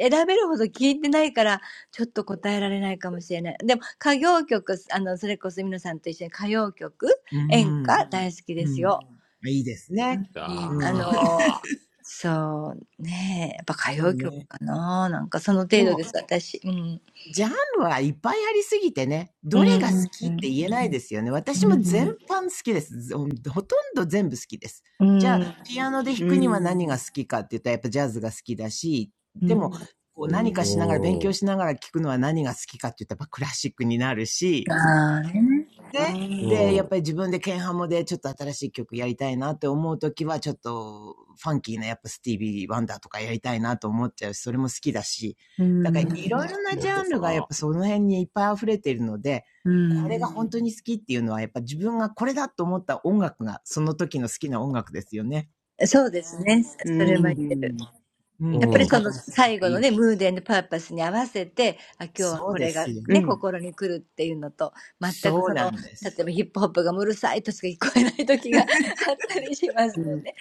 D: 選べるほど聞いてないから、ちょっと答えられないかもしれない。でも歌謡曲、あの、それこそ皆さんと一緒に歌謡曲、
C: う
D: 演
C: ん、
D: 歌大好きで
C: う
D: す
C: ん。
D: よ。
C: いいですね。
D: うん、あ
C: うん。
D: の、そうね、やっぱ歌
C: そう
D: 謡曲
C: ね。
D: かな、なんかその
C: で
D: 程度で
C: も、
D: す、私。うん。
C: ジャンルはいっぱいありすぎてね、
D: う
C: どれが好
D: ん、
C: きって言えないですよね。
D: う
C: 私も全
D: ん、
C: 般好きです。ずほんとんど全部好きです。
D: う
C: じゃあ、
D: ん、
C: ピアノで弾
A: う
C: くには何が
A: ん。
C: 好きかって言ったらやっぱジャズが好きだし、
D: うん。
C: でも、こう
A: う
C: 何か
A: ん。
C: しながら勉強しながら聴くのは何が好きかって言ったらやっぱクラシックになるし、
D: ああ、ね。
A: あ
C: で、で、
A: あ。
C: やっぱり自分でンハモでちょっと新しい曲やりたいなって思うときは、ちょっとファンキーなやっぱスティービー・ワンダーとかやりたいなと思っちゃうし、それも好きだし、
D: う
C: だから
D: ん、
C: いろいろなジャンルがやっぱその辺にいっぱい溢れているので、
D: う
C: これが
D: ん。
C: 本当に好きっていうのは、やっぱ自分がこれだと思った音楽が、その時の好きな音楽ですよね。
D: そうですね、
A: う
D: そ
C: う
D: れは言
C: ん。
D: える。
A: ん。
C: うん。
D: やっぱ
C: 演
D: りそ
C: 歌で
D: の
C: もすご
D: 最
C: く
D: 後
C: い
D: の
C: い。
D: ね、ムードパーパスに合わせて、あ、今日は
C: そう
D: こ
C: で
D: れが
C: すよ。
A: うん。う
D: ね、
A: ん。
D: 心に来るっていうのと、全く
C: そう
D: そ
C: な
D: の、
C: んで
D: 例
C: す。
D: えばヒップホップがうるさいとしか聞こえない時が あったりします
A: う
D: もん
A: ん。
D: ね。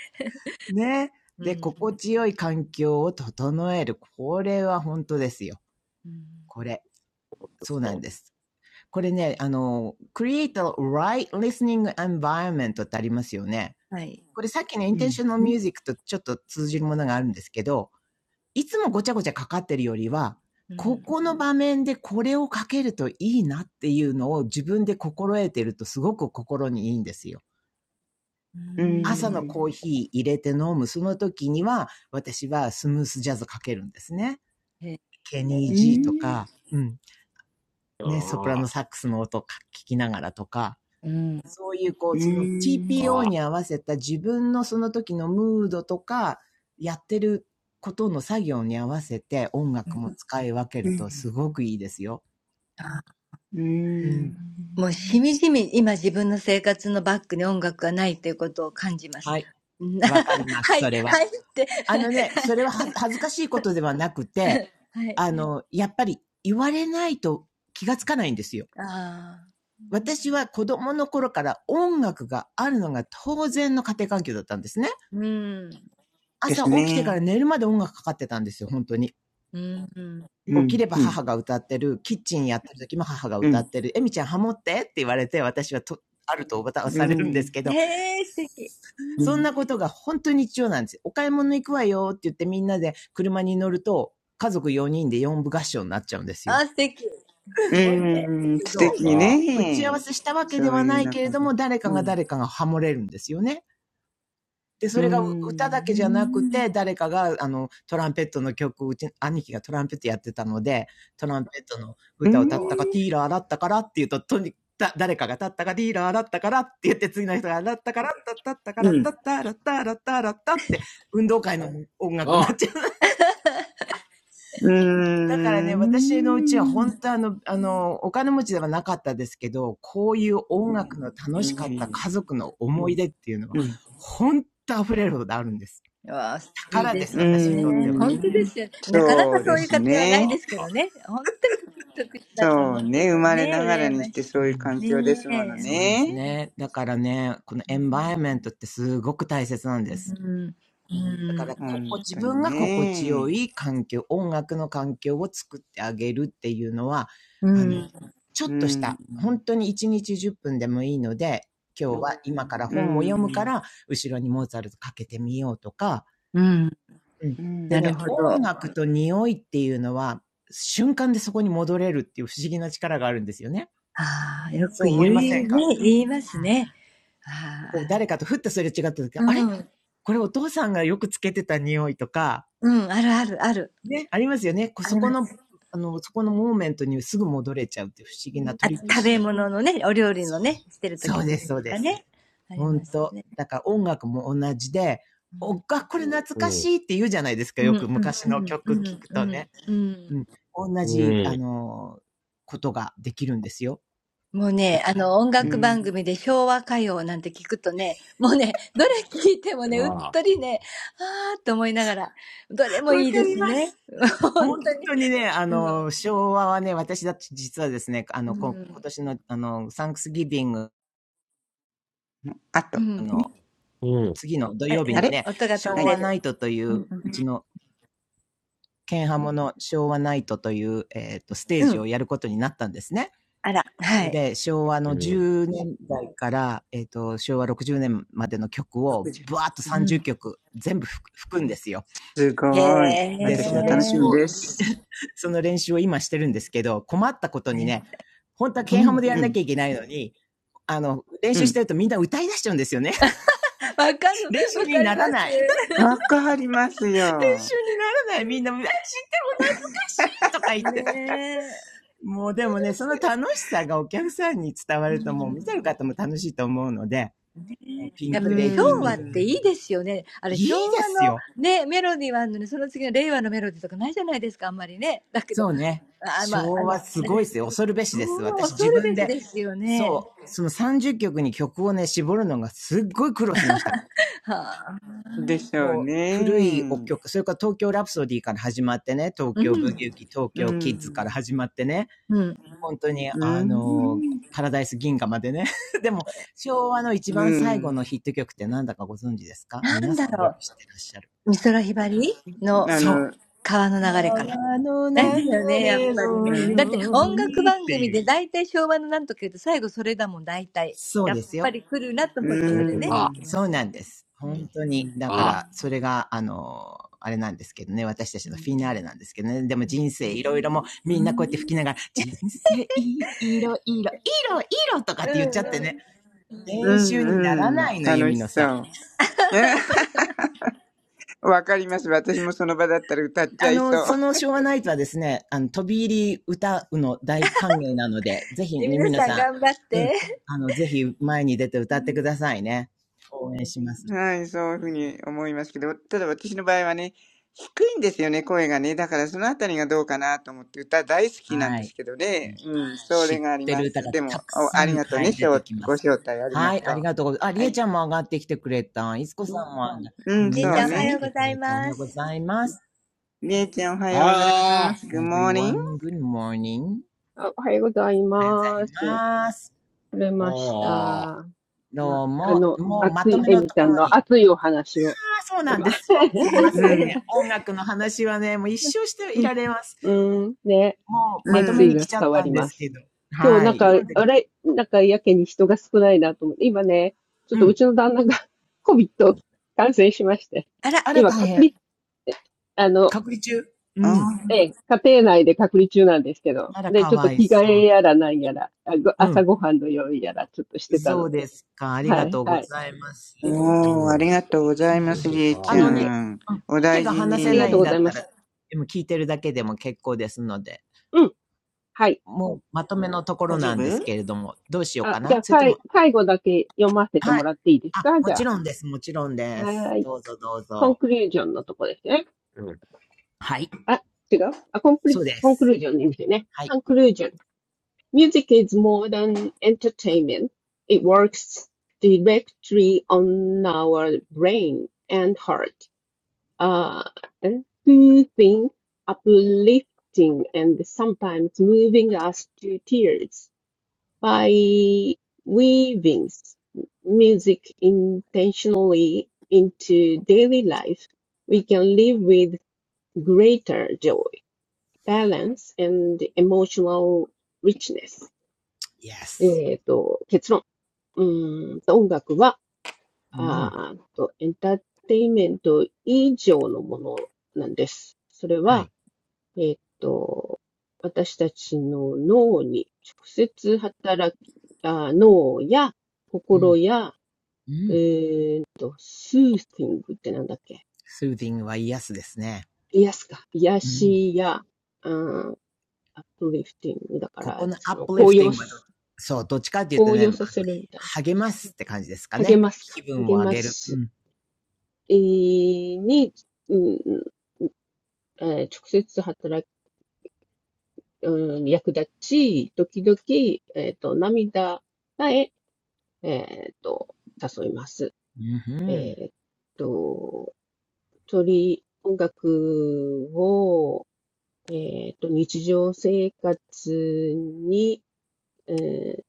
C: ね。
D: う
C: で、
D: ん、
C: 心地よい環境を整える。これは本当ですよ。
D: うん、
C: これ。そうなんです。これね、あの、create a right listening environment ってありますよね。
D: はい。
C: これさっきの
A: うん。
C: intentional
A: うん。
C: music とちょっと通じるものがあるんですけど、いつもごちゃごちゃかかってるよりは、
D: う
C: こ
D: ん、
C: この場面でこれをかけるといいなっていうのを自分で心得てるとすごく心にいいんですよ。
D: うー
A: う
D: ん
C: 朝のコー
A: ん。
C: ヒー入れて飲む、その時には、私はスムースジャズかけるんですね。
D: へえ、
C: ケニー・ G とか、うん。ね、ソプラノサックスの音を聞きながらとか、
D: うん。
C: そういうこう、その TPO に合わせた自分のその時のムードとか、やってることの作業に合わせて音楽も使い分け
A: う
C: ると
A: ん。
C: すごくいいですよ。
D: あ、
A: う
C: うん。
D: もうし
A: ん
D: みじみ今自分の生活のバックに音楽がないということを感じます。
C: はい。
D: うん
C: わかりま
D: は
C: す、
D: い、
C: それは。
D: はいって、
C: あのね、それは恥ずかしいことではなくて、
D: はい。
C: あの、やっぱり言われないと気がつかないんですよ。
D: ああ、
C: 私は子供の頃から音楽があるのが当然の家庭環境だったんですね。
D: うん、
A: で
C: 朝
A: す
C: 起きてか
A: ね。
C: ら寝るまで音楽かかってたんですよ、本当に。
D: うん。
A: う
C: 起き
A: ん。
C: れば
A: うん。
C: 母が歌ってる、キッチンやってる時も母が
A: う
C: 歌っ
A: ん。
C: てる、エミちゃんハモってって言われて、私はと、あるとおばた
A: う
C: をされるんです
A: ん。
C: けど、
D: へえ、素敵。う
A: う
C: そん
D: ん。
A: ん。
C: なことが本当に日常なんですよ。お買い物行くわよって言ってみんなで車に乗ると、家族4人で4部合唱になっちゃうんですよ。
D: あ、素敵。す
A: う
D: ごいね。
A: ん。
D: すご
A: 素
D: い
C: そ
A: 敵
D: ね。
B: うんうんうんとうんとてかうんうんよくわああああうんうんおとさうんとああああああああうんうんああうんうんよくさあああああうんおとさうんうんあおとかうんさあ
C: う。打ち合
A: ね。
C: わせしたわけで
A: そう
C: は
A: い
C: な
A: う
C: いけれ
A: 中
C: ど
A: で。
C: も、誰か
A: う
C: が
A: ん。
C: 誰かがハモれるんですよね。で、
A: う
C: それが歌だけじゃなく
A: ん。
C: て、誰かが、あの、トランペットの曲を、うち、兄貴がトランペットやってたので、トランペットの
A: う
C: 歌を歌ったか、
A: ん。
C: ティーラーだったからっていうと、とにだ誰かが立ったか、リーラーだったからって言って、次の人が、だったから、だったったか
A: う
C: ら、だ
A: ん。
C: ったら、だったら、だったら、だったって、運動会の音楽になっちゃう。
A: う
C: だから
A: ー
C: ね、
A: ん。
C: 私のうちは本当あの、あの、お金持ちではなかったですけど、こういう音楽の
A: う
C: 楽しかった
A: ん。
C: 家族の思い出っていうのは、
A: うん。
C: 本当溢れるほどあるんです
D: わあ、
C: か
D: いい
C: ら
D: で
C: です、
D: す
A: う
C: 私にとって
D: ね。
C: は。
D: 本当で
A: ん
D: すよ。なかな
A: そ
D: か
A: う
C: う
D: そ
A: で
D: うい
C: ん
D: う
A: す
D: 家庭はないで
A: ね。
D: すけどね。本当に特殊だと思
A: そう
D: うけ
A: ね。生
D: ど
A: まれ
D: ね。
A: ながら
D: 羨
A: に
D: ま
A: して
D: し
C: う
A: そういう
C: ん
A: 環
D: い。
A: 境で
D: ね
A: すもの
D: え。
C: そうです
A: ね。
C: ね。だからね、このエンバイアメントってすごく大切なんで
D: う
C: す。
D: ん。う
C: だか
D: ん。
C: ら、ここ、
A: 本
C: 自
A: 当
C: 分
A: に
C: が心地よ
A: ね。
C: い環境、音楽の環境を作ってあげるっていうのは、
D: う
C: あの、
D: ん。
C: ちょっ
A: う
C: とし
A: ん。
C: た、本当に1日10分でもいいので、今日は今から
A: うん。う
C: 本を読むか
A: ん。
C: ら、後ろにモーツァルトかけてみようとか、
D: うん、
C: うん。で
D: な
A: う
D: る
C: ね、
D: ほど。
C: 音楽と匂いっていうのは、瞬間でそこに戻れるっていう不思議な力があるんですよね。
D: ああ、よ
C: そ
D: く
C: う思
D: 言
C: いません
D: う
C: か、
D: ね、言い
A: ん。
D: ま
C: う
D: す
C: ん、
D: ね。
C: こう
D: ああ、
C: 誰かとふっとすれ違った時、あれ
D: うん、
C: これお父さんがよくつけてた匂いとか、
D: うん、あるあるある。
C: ね、ありますよね。こ
D: あ
C: そ
D: り
C: こ
D: ます。
C: の、あの、そこのモーメントにすぐ戻れちゃうって不思議なト
D: あ
C: リ
D: と、
C: ップ
D: 食
C: しちゃ
D: べ
C: う。
D: 物のね、お料理
C: そ
D: のね、
C: う。
D: してる
C: そ
D: 時
C: う
D: の
C: です、
D: ね、
C: そう
D: と
C: で
D: か
C: す。
D: ね。ありま
C: 本
D: す
C: 当
D: ね。
C: だから音楽も同じで、おっか、これ懐かしいって言うじゃないですか。
D: うん、
C: よ
D: う
C: く
D: ん、
C: 昔
D: う
C: の
D: ん、
C: 曲
D: う
C: 聞
D: ん、
C: く
D: う
C: と
D: ん。
C: ね。
D: うん
C: うん。同じ、あの、ことができるんですよ。
D: もう
C: だ
D: ね、あ
C: から。
D: の、音
A: う
D: 楽
A: ん。
D: 番組で昭和歌謡なんて聞くとね、もうね、どれ聞いてもね、うっとりね、ああ、と思いながら、どれも
C: わ
D: いい
C: か
D: で
C: り
D: す
C: ます。
D: ね。本
C: 本
D: 当に。
C: 当にね、あ
D: うん、
C: の、昭和はね、私だって実はですね、あ
D: う
C: の、こ今
D: ん、
C: 年の、あの、サンクスギビング
A: あ
D: う
A: と、
D: ん。
A: ね。
C: の次の土
D: あれ、
C: 曜日
D: な
A: あ
D: ん
C: に
D: か
A: れ
C: ね、
D: 音が飛
A: は
D: ん
C: 昭
D: で
A: い。
C: 和
D: る。
C: ナイトとい
D: うん
C: う、
D: う
C: うちの、剣ハモの昭和ナイトという、えっ、と、ステー
D: ん。う
C: ジを
D: ん。
C: やることになったんですね。
D: あら、
C: そ
D: は
C: れ
D: い。
C: で、昭和の10年代から、えっ、と、昭和60年までの曲
A: ろく
C: を、
A: じゅう
C: ブワーッと
A: う
D: う
A: ん
C: 30
D: ん。
C: 曲全部吹くんですよ。
A: す
D: へ
A: ごい。
C: で、そ
A: 私
C: の
A: は
C: 練
A: 楽し
C: 習
D: え。
A: み
C: を、
A: です。
C: その練習を今してるんですけど、困ったことに
D: ね
C: ね、本当は
D: う
C: ケンハ
D: ん。
C: ム
D: わ
C: でや
A: う
C: んなき
A: ん。
C: ゃいけないのに、あの、練
A: う
C: 習して
A: ん。
C: るとみんな歌い出しちゃうんですよね。
D: か る、
C: 練習
D: わ
C: に
D: かり
C: な
D: ま
C: ら
D: す。
C: ない。練
A: わかりますよ。
C: 習にならない。みんな、知っても懐かしいとか 言って。
D: ねえ。
C: もうでもね、その楽しさがお客さんに伝わ
D: う
C: るともう見てる
D: ん。
C: 方も楽しいと思うので、もうピ
A: う
D: や
C: ン
D: っぱ
A: ー
C: ク
D: ね、
C: レデ
D: 昭
C: ィーメ
D: 和っ
C: ドレ
D: て
C: ー。
A: ん。
D: いいですよね。あれ、
C: いい
D: 昭
C: で
D: 和
C: す
D: の
C: よ。
D: ね、メロディーはあるのに、その次の令和のメロディーとかないじゃないですか、あんまりね。だけど、
C: そうね。
D: あ、まあ、あ
C: 昭
D: の、
C: 和す
D: 私、
C: ごいですよ。恐るべし
D: 昭
C: です。
D: 和
C: 私
D: 恐
C: 自
D: るべ
C: 分
D: し
C: で、
D: ですよね。
C: そう、その30曲に曲をね、絞るのがすっごい苦労しました。
D: はあ。
A: でしょう
C: もう、古いお
A: ね。
C: 曲、それから東京ラプソディから始まってね、東
D: う
C: 京
D: ん。
C: ブギウギ、東
A: う
C: 京キッズから
A: ん。
C: 始まってね、
D: うん。
C: 本当に、
A: う
C: あの、
A: ん。
C: パラダイス銀河までね。でも、昭和の一番
A: う
C: 最後
A: ん。
C: のヒット曲ってなんだかご存知ですか
D: なん
C: 皆
D: だ
C: さん
D: ろ
C: よく
D: う。
C: 知ってらっしゃる。
D: 美空ひばりの
A: あ
C: そう。
A: の、
D: 川の流れかな。
C: 川の
A: う
D: なんだ
A: ん。
C: 流
D: よね、やっ
C: れ
D: ぱりね。
A: う
C: の
D: だっ
A: ん。
D: て
C: よう
D: 音楽
C: にっ
D: 番
C: て
D: 組
C: いう。
D: で大体昭和のなんとか言うと最後それだもん、大体。
C: そう
D: やっ
C: です
D: ぱ
C: よ。
D: り来るなと思うとそれね、来ま
C: そう
D: すよ
C: なんです。本
D: ね。
C: 当
A: うん。う
C: に。
A: ん。
C: だから、それが、あの、あれなんですけどね、私たちのフィナーレなんですけどね。でも人生いろいろもう、みんなこうやって吹きながら、人生いいろいろ、いろいろとか
D: うん。
C: っ
D: う
C: て言っちゃって
D: んうん。
C: ね。
A: うん。
C: 練習にな
A: う
C: らな
A: ん
C: いの、ユ
A: 楽
C: ミ
A: し
C: ノ
A: そ
C: さ
A: う。わかります。私もその場だったら歌っ
C: ん。
A: ち
C: あ
A: ゃい
C: の、
A: そう。
C: その昭和ナイトはですね、あの、飛び入り歌うの大歓迎なので、ぜひ、
D: え、
C: ユミ
D: 皆
C: ノ
D: さん
C: さ
D: 頑張っ
C: ん、うん、
D: て。
C: あの、ぜひ前に出て歌ってくださいね。応援します
A: はい、そういうふうに思いますけど、ただ私の場合はね、低いんですよね、声がね。だからそのあたりがどうかなと思って、歌大好きなん
C: は
A: で
C: い。
A: すけどね。うん、そ
C: 知
A: れ
C: っ
A: があり
C: て
A: ま
C: る歌
A: す。
C: が
A: で
C: た
A: も、
C: く
A: お
C: さ
A: あり
C: ん、
A: がとう
C: は
A: ね、
C: い、出
A: しょ
C: て
A: う
C: きま
A: ご
C: す。
A: 招待ありが
C: はい、あ
A: と
C: り
A: う。
C: がとうございますあ、り
A: は
C: えち
A: い。
C: ゃんも上がってきてくれた。いつこさんも、が
A: う
C: う
A: ん、
C: ん、
D: りえち
A: そう
C: 皆
D: ゃんお
C: さ
D: は
C: ん来
D: よう
A: ね。
C: て
D: ご
C: く
D: ざい
C: れた。おは
D: ま
C: ようご
D: す。
C: ざいます。
A: りえちゃんおはようございます。Good morning.
C: everyone, good morning. おはようご
E: あ、おはようござい
C: ざい
E: ます。
C: ます。
E: 取れました。な、
C: どう
E: あ
C: も、
E: の、
C: もうま
E: 熱
C: と
E: い、
C: め
E: え
C: の
E: み
C: と
E: ちゃ
C: こ
E: ん
C: ろに。
E: の
C: あ、
E: 熱いお話を。
C: そうなん
E: ま
C: で すよ。すいま
A: う
C: せんね。
A: ん、
C: 音楽の話はね、もう一生してい
E: うん、
C: られます。
E: うん、ね、
C: もうまと
E: 熱
C: め
E: 意
C: に
A: う
C: 来
E: が
A: ん。
C: ちゃっ
E: 伝わ
C: たん
E: り
C: で
E: ま
C: すけ
E: す。
C: ど。
E: 今日
C: は
E: なん
C: い、
E: か、
C: 読んでみ
E: あれ、なんかやけに人が少ないなと思って、今ね、ちょっ
C: う
E: とう
C: ん。
E: ちの旦那が コビット感染しまして、
D: あら、
C: あら、
E: 今
C: 大
E: 隔
C: 変。
E: 離って、あの、
C: 隔離中。う
A: あ
C: ん。
E: え
A: ー
E: え、家庭内で隔離中なんですけど、
C: あら、
E: で、
C: か
E: ちょっと
C: わい
E: 着替
C: そ
E: え
C: う。
E: やらなんやら、あご
C: う
E: 朝
C: ん。
E: ごはんの用意やらちょっとしてた
C: そ
E: の
C: う
E: で、
C: ですか。ありがとうございます。
A: おー、ありがとうご
C: う
A: ざいます、
C: ん。
A: りえち
C: あのね、
A: ゃん。
C: うん、
A: お
C: 手
A: 大
C: が
A: 事
C: 離せないん
A: に。
C: だったら、でも聞いてるだけでも結構ですので、もうまとめのところ
A: 大丈
C: なんです
A: 夫
C: けれども、どうしようかなそれとも、はい。あ、もち
E: はい、はい。えいえいえ。ありがとうございます。うん、はい。あ、じゃあ、さい、最後だけ読ませてもらっていいですかじゃあ。はーい。コンクルージョンのとこですね。あ、違うあ、コンプリ、コンクルージョンでいいんですよね。Conclusion.
C: ろんです。もちろんです。どうぞどうぞ。はい。そうです。はい。
E: Music is more than entertainment. It works directly on our brain and heart. Uh, and soothing, uplifting, and sometimes moving us to tears. by weaving s- music intentionally into daily life, we can live with greater joy, balance, and emotional richness.
C: Yes. うん。は
E: えっと、結論。うーんと、音楽は、あーと、エンターテインメント以上のものなんです。それは、
C: い。
E: えーっと、私たちの脳に直接働き、あ、脳や
C: う
E: 心
C: ん。
E: や、
C: う
E: え
C: ん。
E: ーっと、スーティングってなんだっけ
C: スーディングは癒 e s ですね。
E: 癒すか。癒
C: うん。
E: しや、あーアップリフティングだか
C: こ
E: ら、
C: このア
E: そ
C: ッ
E: の、
C: プリ
E: 高
C: フテ
E: 揚
C: ィングはど、
E: す、
C: そう、どっちかっていうと
E: 高
C: ね、あ
E: 揚
C: の、
E: させるみたいな感
C: 励
E: じで
C: ま
E: す
C: す
E: よ。
C: って感じですか
E: 励
C: ね。
E: ます
C: 気
E: か。
C: 分を
E: 励
C: 上
E: ま
C: げる。う
E: し、
C: ん。
E: えーに、うんえー直接働き、うん、役立ち、時々、えーっと、涙さええっと、誘います。
C: うんうん、
E: えっと、鳥音楽を、えっと、日常生活に、えー、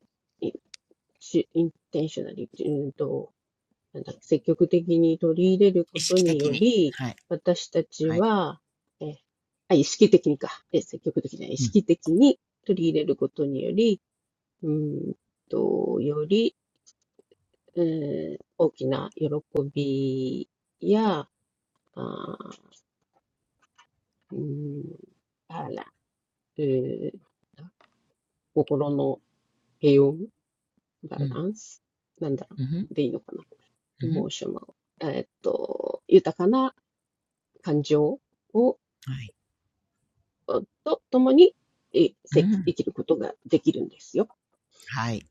E: インテンショナリ、うんと、なんだ、積極的に取り入れるこ
C: 意
E: と
C: 識
E: に
C: 的
E: よ
C: に。
E: り、
C: はい。
E: 私たち
C: はい。
E: は、えーあ、意識的にか。えー、積極的じゃない、意
C: うん。
E: 識的に取り入れることにより、うんと、よりえー大きな喜びや、あー、うん、バラ、えー、心の平穏、バ
C: うん。
E: ランス、なんだろ
C: うんん。
E: う、でいいのかな、
C: う
E: エ
C: ん。
E: モーショナル、えーっと、豊かな感情を、
C: はい。
E: と、ともに、え
C: う
E: せ生
C: ん。
E: きることができるんですよ。
C: はい。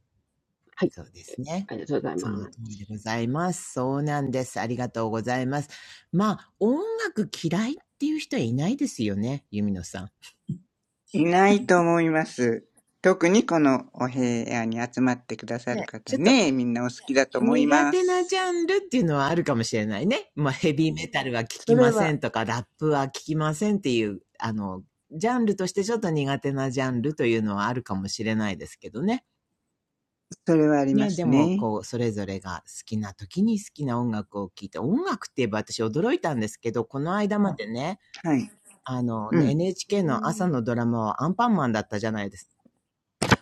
E: はい。
C: そうですね。
E: ありがとうございま
C: その通
E: す。
C: りでございます。そうなんです。ありがとうございます。まあ、音楽嫌いっていう人はいないですよね、ユミノさん。
A: いないと思います。特にこのお部屋に集まってくださる
C: ね、
A: 方
C: ちょっと
A: ね、みんなお好きだと思い
C: 苦
A: ま
C: 手なジャン
A: す。
C: ルっていうのはあるかもしれないね。まあ、ヘビーメタルは聞き
A: それ
C: ませ
A: は、
C: んとか、ラップは聞きませんっていう、あの、ジャンルとしてちょっと苦手なジャンルというのはあるかもしれないですけどね。
A: それはありま
C: ね、で
A: す
C: も、
A: ね。
C: こう、それぞれが好きな時に好きな音楽を聴いて、音楽って言えば私驚いたんですけど、この間までね、
A: はい。
C: あの、
A: う
C: ね
A: ん。
C: NHK の朝のドラマはアンパンマンだったじゃないですか。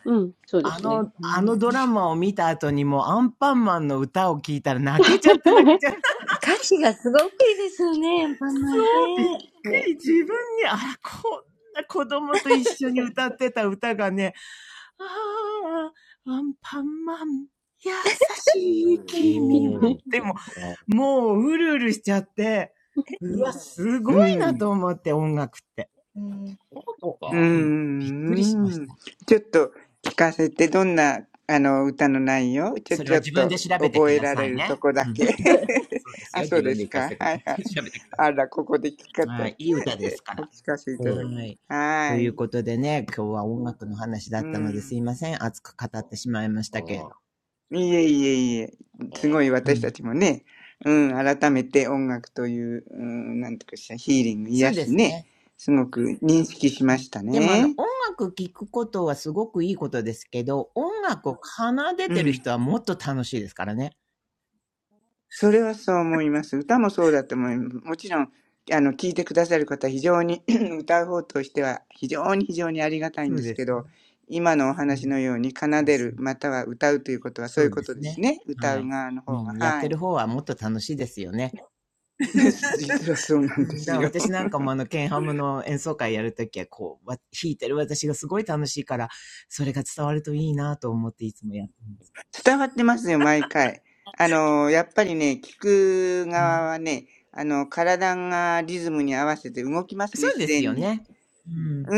E: うん、そうで
C: あ
E: すね。
C: の、
A: う
C: あの
A: ん。
C: ドラマを見た後にもアンパンマンの歌を聴いたら泣けちゃって泣け ちゃって
D: 歌詞がすごくいいですよね、アンパンマ
C: そ
D: ンね。
C: う、びっく
E: ね。
C: り。自分に、あら、こんな子供と一緒に歌ってた歌がね、ああ、アンパンマン、優しい 君は。でも、もう、うるうるしちゃって、うわ、すごい
A: う
C: な
A: ん。
C: と思って、音楽って。
D: うん。
C: うん、びっくりしまし
A: うん
C: た。
A: ちょっと聞かせて、どんな、あの、歌の内容ちょ、
C: それ
A: ち
C: は
A: ょっ
C: 自分
A: と
C: で調べて
A: 覚
C: く
A: え
C: だ
A: ら
C: さ
A: れ
C: い
A: ると
C: ね。
A: こ
C: う
A: だ
C: ん。
A: け。
C: そうです
A: あ、
C: よ。
A: そ
C: 自
A: うで
C: 分
A: す
C: で聞かせ
A: か。
C: てくだ
A: は
C: さ
A: いは
C: い。
A: い。
C: 調べてくだ
A: あ
C: さ
A: ら、ここで聞
C: い。
A: かた、
C: はい。いい歌ですか
A: お
C: ら。
A: 聞かせいただき。
C: はい。と
A: は
C: いう
A: い。
C: ことでね、今日は音楽の話だ
A: う
C: ったのです
A: ん。
C: いません。熱く語ってしまいましたけれど。
A: いえいえいえ、すごい
C: う
A: 私
C: ん。
A: たちもね、うん、改めて音楽という、うん、なんとかしたヒーリング、
C: そ
A: 癒
C: うで
A: し
C: す
A: ね、
C: ね。
A: すごく認識し
C: う
A: ま
C: ん
A: した
C: でもあの、
A: ね。
C: 音楽聴くことはすごくいいことですけど、音楽を奏で
A: う
C: てる
A: ん。
C: 人はもっと楽しいですからね。
A: それはそう思います。歌もそうだと思います。もちろん、あの、聴いてくださる方、非常に 歌う方としては、非常に非常にありがたい
C: そ
A: ん
C: う
A: です
C: で
A: け
C: すね。
A: ど、今のお
C: う
A: 話
C: ん、
A: のように
C: そ
A: 奏
C: う
A: で
C: そ
A: る、
C: う
A: または歌うということはそ
C: そ
A: ういう
C: うで
A: こと
C: す
A: です
C: ね。
A: ね。歌
C: は
A: う
C: い。
A: 側の
C: う
A: 方が。
C: ん、やっ
A: は
C: て
A: い。
C: る方はもっと楽しいですよね。
A: 実はそうな
C: う
A: んで
C: ん、だ
A: す
C: から
A: よ。
C: 私なんかもあの、ケンハムの演奏会やるときは、こう、わ弾いてる私がすごい楽しいから、それが伝わるといいなと思っていつもやってます。
A: 伝わってますよ毎回あのやっぱりね聞く
C: う
A: 側
C: ん、
A: はねあの体がリズムに合わせて動きますね
C: そう
A: 自
C: です
A: 然
C: よ
A: に
C: ね。うん。
A: う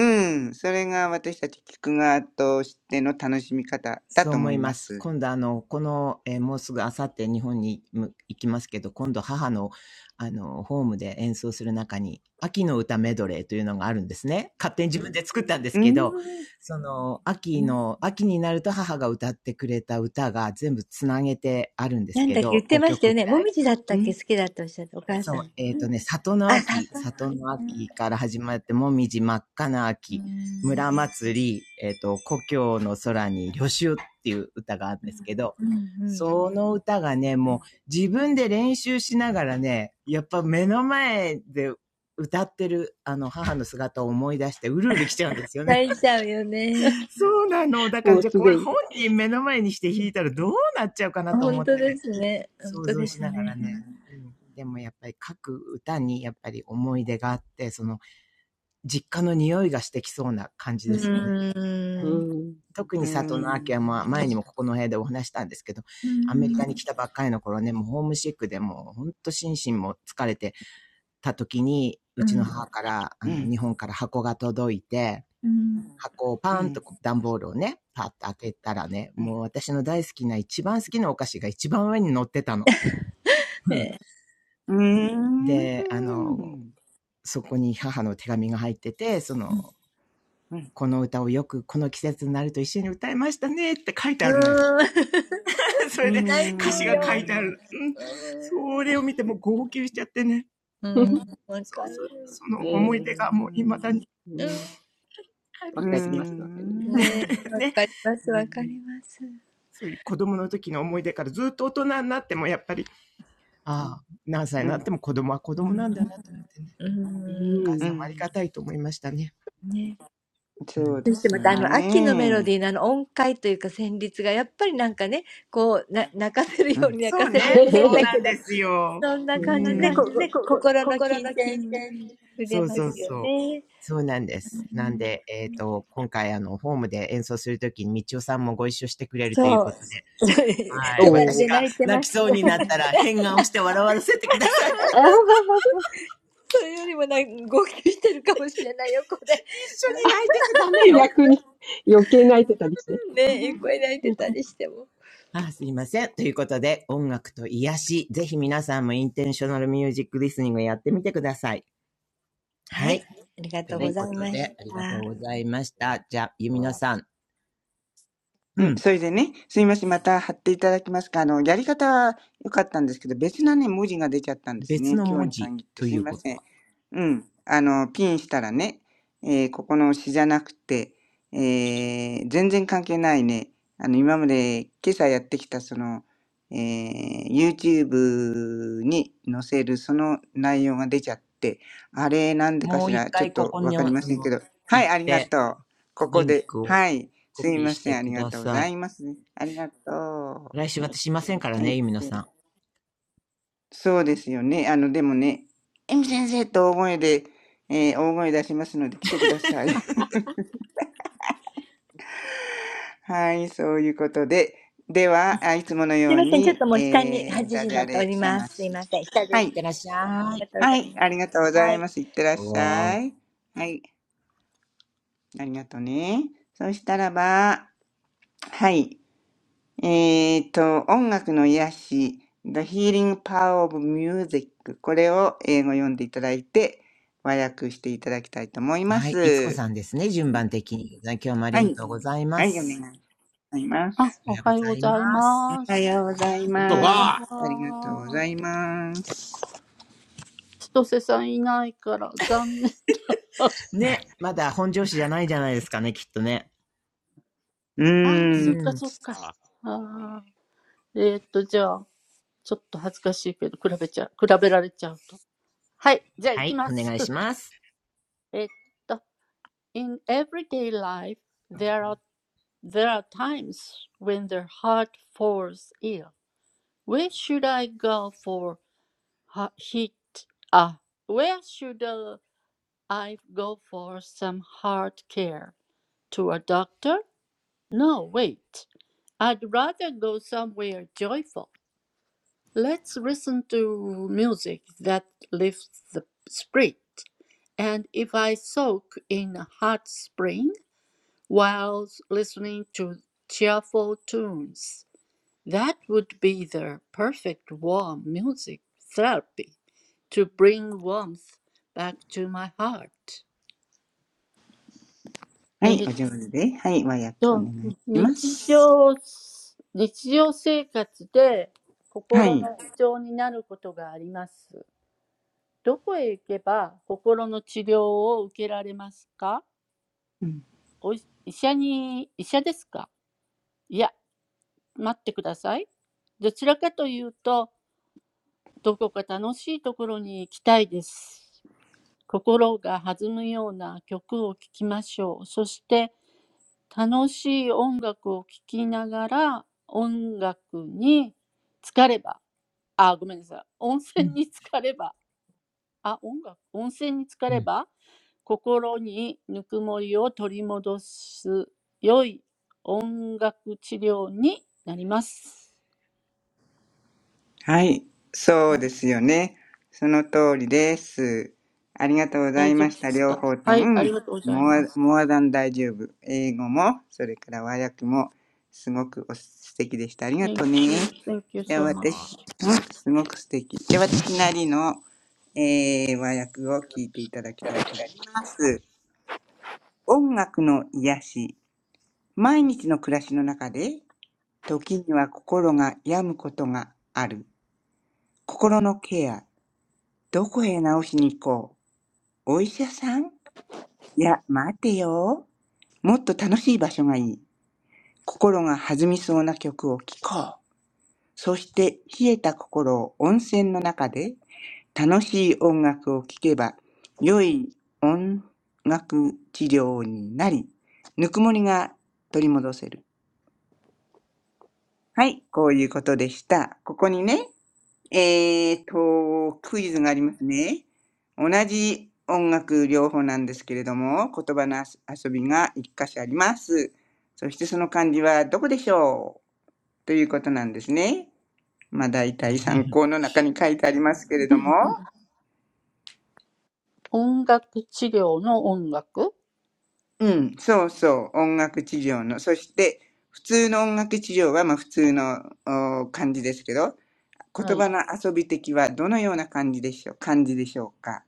A: んそれが私たち聞く側としての楽しみ方だ
C: そう
A: と
C: 思
A: 思
C: い
A: い
C: ま
A: ま
C: す。
A: す
C: 今度、あの、この、えーもうすぐあさって日本にむ行きますけど、今度母の、あの、ホームで演奏する中に、秋の歌メドレーというのがあるんですね。勝手に自分で作ったんです
A: う
C: け
A: ん
C: ど、その、
A: う
C: 秋の、秋になると母が歌ってくれた歌が全部つなげてあるんです
D: なん
C: け
D: だっけ言っ
C: ど、
D: て
C: 5
D: ました
C: 曲
D: よ
C: ぐ
D: ね。
C: ら
D: も
C: い。
D: みじだった
A: んう
D: っけ
A: ん
D: 好きだっておっしゃった、お母さ
C: そう、
D: ん。
C: えっ、ーとね、里の
D: あ、さ、
C: 秋、里の秋から始まって、もみじ真っ赤な
D: う
C: 秋、
D: ん。
C: 村祭り、えっ、ーと、故郷の空に旅愁っていう歌があるんですけど、
D: うんうん。
C: その歌がね、もう自分で練習しながらね、やっぱ目の前で歌ってる、あの、母の姿を思い出して、うるうる来ちゃうんですよね。
D: 泣いちゃうよ ね。
C: そうなの。だか
E: も
C: ら、
E: う
C: じゃあ
E: す
C: こ
E: で
C: れ
E: に。
C: 本人目の前にして弾いたらどうなっちゃうかなと思
D: 本
C: っ
D: 当
C: てね。
D: ですね。本
C: 想
D: 当
C: 像
D: で
C: し
D: す
C: ながら
D: ね。
C: ね。うん、でもやっぱり書く歌にやっぱり思い出があって、その実家の匂いがしてきそうな感じ
D: う
C: ですよね。
E: う
D: ーん。
E: ん。
C: 特
A: う
C: に佐
A: ん
C: 藤直秋はまあ前にもここの部屋でお話したんですけど、
D: うー
C: アメリカに
D: ん、
C: 来たばっかりの頃ね、もうホームシックでもうほんと心身も疲れてた時に、
D: う
C: うちの
D: ん。
C: 母から、あ
A: う
C: の、
A: ん
C: 日本から箱が届いて、
D: うん。
C: 箱を
A: う
C: パーン
A: ん
C: と段ボールをね、パッと開けたらね、もう私の大好きな一番好きなお菓子が一番上に乗ってたの。
A: うんうんうん
C: で、あの、そこに母の手紙が入ってて、その、
A: うんうんうん
C: この歌をよくこの季節になると一緒に歌いましたねって書い
D: うーん。
C: てあるのよ。そ
A: うんう
C: れで
D: 泣く
C: 歌詞が書
D: よ。
C: いてある。うん。
D: うーん。
C: それを見てもう号泣しちゃってね。
D: う
C: う
D: ーん。
C: ん。
D: わ
C: そ
D: か
C: うそう。
D: る。
C: その
A: んう
E: ね。
C: 思い出がもう未だに
E: うん
D: う
C: あ
E: わ
C: るんで
E: か
C: す
E: り
C: け
E: ます、
C: ど。
E: わかります。
D: ん。ねえ。わ
C: ね。
D: かりま
E: う
D: す、わ
E: ん。
D: かります。
C: そういう子供の時の思い出からずっと大人になってもやっぱり、ああ、何歳に
A: んう
C: なって
A: ん
C: も子供は子供なんだなと思ってね。
D: うー
E: う
D: ん。
C: お母
A: う
C: さん
E: ん。
C: もあり
A: ん
C: がたいと思いましたね。
D: ね。
C: う
A: そう
C: ん。
D: そ
A: で
D: して
A: す
D: ま
A: よ
D: たあ
C: は
D: の、秋のメロ
A: ね。
D: ディーのあの音階というか旋律がやっぱりなんかね、こう、な泣かせる
A: うん
D: ように泣
C: そ
D: か
C: う
D: せるよ
C: ね、
D: うに
C: そ
D: 変
C: う
D: だ
C: な
D: け
C: ん
D: ど、
C: ですよ。
D: そん
C: こそ
D: な
C: ん
D: 感じで
C: な
D: ね、
C: 感
D: こ
C: じ
D: こ
C: ね、こ
D: 心の
C: 心
D: 琴
C: の金
D: 線に
C: 銭。
D: 触れ
C: そう
D: ま
C: そう
D: すよ
C: そう。
D: ね。
C: そうなんで
D: う
C: す。なん
D: ん。
C: で、えっ、と、今回、あの、ホームで演奏するときに、みちおさんもご一緒してくれるという
D: そう。
C: ことで、は
E: お
C: い。
D: 隣
C: 私
D: で
E: お。
C: が
D: 泣いて
C: 泣
D: ま
C: き
D: す。
C: そうになったら、変顔して笑わせてください。一緒
E: あ
C: に
E: ー
D: それよりもな号泣してるかもしれないよ、これ。
C: 泣いてちゃダ メよ。
E: 逆に余計泣いてたりして。
D: ね え、横で泣いて
E: うん、
D: たりしても。
C: あ、すいません。ということで、音楽と癒し、ぜひ皆さんもインテンショナルミュージックリスニングやってみてください。
D: は
C: は
D: い。
C: い。
D: ありが
C: と
D: とう
E: は
C: い
D: ご
C: う
E: い。
D: ざ
C: こ
D: い
C: と
D: まし
C: で、ありがと
D: た。
C: うございました。じゃあ、ゆみのさん。
A: う
C: う
A: ん、
C: ん。
A: それでね、すいません、また貼っていただきますか。あの、やり方は良かったんですけど、別なね、文字が出ちゃったんです
C: 別
A: ね。
C: の
A: 今
C: 文
A: 日に
C: 字
A: 限って、
C: と
A: す
C: い
A: い
C: う
A: ま
C: こ
A: せ
C: と
A: ん。
C: は。
A: うん。あの、ピンしたらね、えーここの詩じゃなくて、えー全然関係ないね、あの、今まで、今朝やってきた、その、えー YouTube に載せる、その内容が出ちゃって、あれ、なんでか
C: もう
A: し
C: 一
A: ら、ちょっ
C: 回こ
A: と
C: こ
A: わ
C: に、あ
A: かり
C: の、
A: ませんけど、は
C: 行
A: い、
C: っ
A: ありが
C: て、
A: とう。ここ
C: リン
A: で、
C: クを
A: はい。
C: コ
A: すい
C: ピー
A: ま
C: し
A: せ
C: て
A: ん、あ
C: く
A: りが
C: だ
A: とうご
C: さ
A: ざ
C: い。
A: います。ありがとう。
C: 来
A: は
C: 週私いませんからね、
A: い。
C: ゆみの
A: そう
C: さん。
A: そうですよね。あの、でもね、エミ先生と大声で、えー大声出しますので来てください。はい、そういうことで。では、あいつもの
D: すい
A: よう
D: ません。ちょっ
A: に、
D: ともう下に8
A: えー
D: 時
A: ダ
D: に
A: ジ
D: な
A: ャ
D: ってお
A: レ
D: りま
A: 探
D: す。すい
A: し。
D: ません。下
A: は
D: で
C: い
D: す。
C: っ
A: い。
C: てらっし
D: あり
C: ゃ
D: が
C: い。
D: とうご
A: は
D: ざ
A: い、
D: いま
A: ありがとうご
D: す。
A: ざ
D: は
A: い
D: い。
A: ます。いってらっしゃい。はい、ありがとうね。そしたらば、はい。えっと、音楽の癒し、The Healing Power of Music。これを英語読んでいただいて、和訳していただきたいと思いま
C: はい。いつこ
A: す。
C: さんですね、順番的に。今日もあり
A: は
C: が
A: い。
C: とうございま
A: はい、お
C: す。
A: 願いします。
C: おはようございます。
A: おはようございます。ありがとうございます。
C: ね、まだ本上司じゃないじゃないですかね、きっとね。
A: う
C: う
A: ーん。
C: ん。
F: あ、おはようございます。いやー、千歳さんいないから残念。あー、そっかそっか。あー、えーっと、じゃあ、ちょっと恥ずかしいけど、比べちゃう、比べられちゃう。はい、じゃあ行きます。えっと、In
C: はい、お願いします。
F: everyday life, there are, there are times when the heart falls ill. Where should I go for ha- heat? Ah, where should I I go for some hard care. To a doctor? No, wait. I'd rather go somewhere joyful. Let's listen to music that lifts the spirit. And if I soak in a hot spring while listening to cheerful tunes, that would be the perfect warm music therapy to bring warmth back to my heart.
A: はい、
F: It
A: お上手で。はい、和訳お願いします。はい。
F: そう、日常、日常生活で心の不調になることがあります。どこへ行けば心の治療を受けられますかお医医者に、医者ですかいや、待ってください。どちらかというと、どこか楽しいところに行きたいです。心が弾むような曲を聴きましょう。そして
C: うん。うん、
F: 楽しい音楽を聴きながら、音楽に浸かれば、あ、ごめんなさい、温泉に浸かれば、あ、音楽、温泉に浸かれば、心にぬくもりを取り戻す良い音楽治療になります。はい、大丈夫ですかはい、ありがとうございます。Thank
A: はい、そうですよね。その通りです。ありがとうございました。両方とも、うん、モア、モアダン大丈夫。英語も、それから和訳も、すごくお素敵でした。ありがとうね。
F: you, thank you
A: じゃあ
F: so much.
A: 私、うん、すごく素敵。じゃあ私なりの、えー、和訳を聞いていただきたいと思います。音楽の癒し。毎日の暮らしの中で、時には心が病むことがある。心のケア。どこへ治しに行こうお医者さんいや、待てよ。もっと楽しい場所がいい。心が弾みそうな曲を聴こう。そして冷えた心を温泉の中で楽しい音楽を聴けば良い音楽治療になり、ぬくもりが取り戻せる。はい、こういうことでした。ここにね、えーと、クイズがありますね。同じ音楽療法なんですけれども、言葉の遊びが一箇所あります。そしてその漢字はどこでしょうということなんですね。まあ、大体参考の中に書いてありますけれども。うん、そうそう、音楽治療の。そして、普通の音楽治療はまあ普通のお漢字ですけど、言葉の遊び的はどのような漢字でしょう、漢字でしょうか。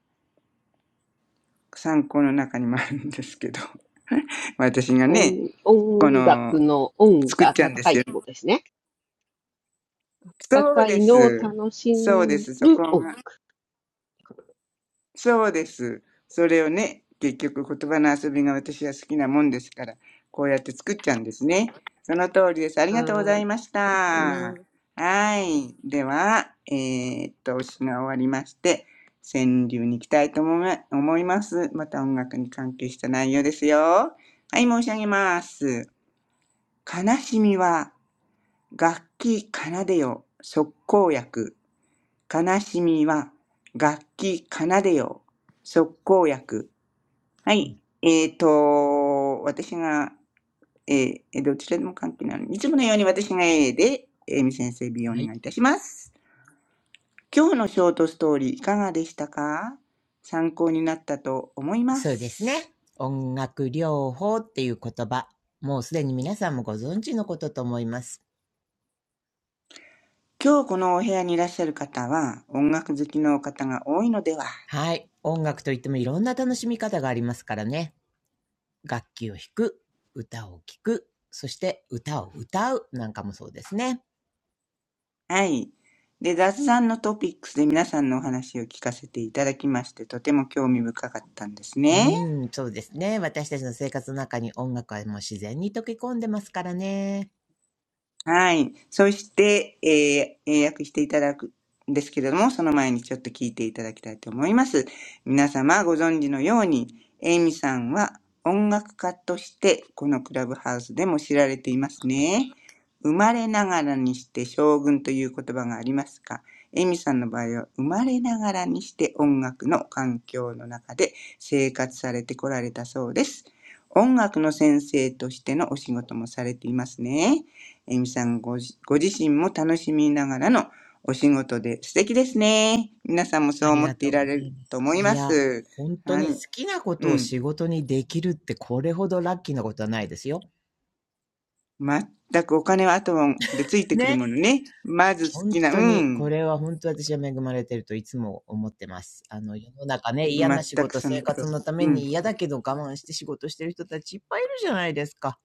A: 参考の中にもあるんですけど 私がね、
E: 音
A: こ
E: 音楽
A: の、
E: の音
A: 作っ
E: が
A: ちゃうんで
E: 高い
A: す
E: っ
A: よ。
E: てことですね。
A: そう
E: 高
A: で
E: いのを
A: す。
E: 楽し
A: そうで
E: む
A: す。そこ
E: 音
A: が。
E: 楽。
A: そうです。それをね、結局言葉の遊びが私は好きなもんですから、こうやって作っちゃうんですね。その通りです。ありがとうご
E: は
A: ざ
E: ーい。
A: いまし
E: ありま
A: た。
E: す。
A: はい。では、えーっと、お詩が終わりまして、川柳に行きたいと思い思います。また音楽に関係した内容ですよ。はい、申し上げます。悲しみは楽器奏でよ、即効薬。悲しみは楽器奏でよ。即効薬。はい。えっ、ーと、私が、ええーどちらでも関係ないの。いつものように私が A で、えみ先生 B をお
C: はい。
A: 願いいたします。今日のショートストーリーいかがでしたか参考になったと思いま
C: そうですね。
A: す。
C: 音楽療法っていう言葉。もうすでに皆さんもご存知のことと思います。
A: 今日このお部屋にいらっしゃる方は音楽好きの方が多いのでは
C: はい。音楽といってもいろんな楽しみ方がありますからね。楽器を弾く、歌を聴く、そして歌を歌うなんかもそうですね。
A: はい。で、雑談のトピックスで皆さんのお話を聞かせていただきまして、とても興味深かったんですね。
C: うん、そうですね。私たちの生活の中に音楽はもう自然に溶け込んでますからね。
A: はい。そして、えー英訳していただくんですけれども、その前にちょっと聞いていただきたいと思います。皆様ご存知のように、エイミさんは音楽家としてこのクラブハウスでも知られていますね。生まれながらにして将軍という言葉がありますが、エイミさんの場合は生まれながらにして音楽の環境の中で生活されてこられたそうです。音楽の先生としてのお仕事もされていますね。えみさんごじご自身も楽しみながらのお仕事で素敵ですね。皆さんもそ
C: あ
A: う
C: り
A: 思っ
C: が
A: て
C: と
A: い
C: う
A: ら
C: ござ
A: れ
C: い
A: る
C: ま
A: と
C: す。
A: 思い
C: い
A: ま
C: や、
A: す。
C: 本当
A: あ
C: に好
A: ん
C: きなこと
A: う
C: を
A: ん。
C: 仕事にできるってこれほどラッキーなことはないですよ。
A: 全くお金は後でついてく
C: ね
A: るものね。まず好
C: 本
A: きな、
C: 当
A: う
C: に、こ
A: ん。
C: れは本当に私は恵まれてるといつも思ってます。あの、世の中ね、嫌
A: 全
C: な仕
A: く
C: 事、
A: その
C: 生
A: 通
C: 活のた
A: り。
C: め
A: う
C: に
A: ん。
C: 嫌だけど我慢して仕事してる人たちいっぱいいるじゃないですか。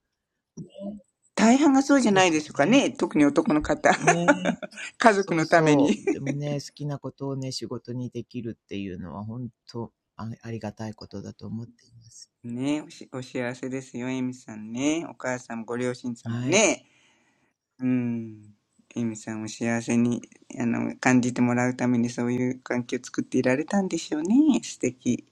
A: 大半が
C: そ
A: そう
C: う
A: じゃ
C: で
A: ない
C: す
A: で
C: よ
A: しょうか
C: ね。
A: ね。特に男の方。
C: ね、
A: 家族
C: そう
A: のため
C: そ
A: に。
C: う。でもね、好きなことをね、仕事にできるっていうのは本当あありがたいことだと思っています。
A: ねおし、お幸せですよ、エミさんね。お母さん、ご両親様
C: はい。
A: ね。うん。エミさんを幸せに、あの、感じてもらうためにそういう環境を作っていられたんでしょうね。素敵。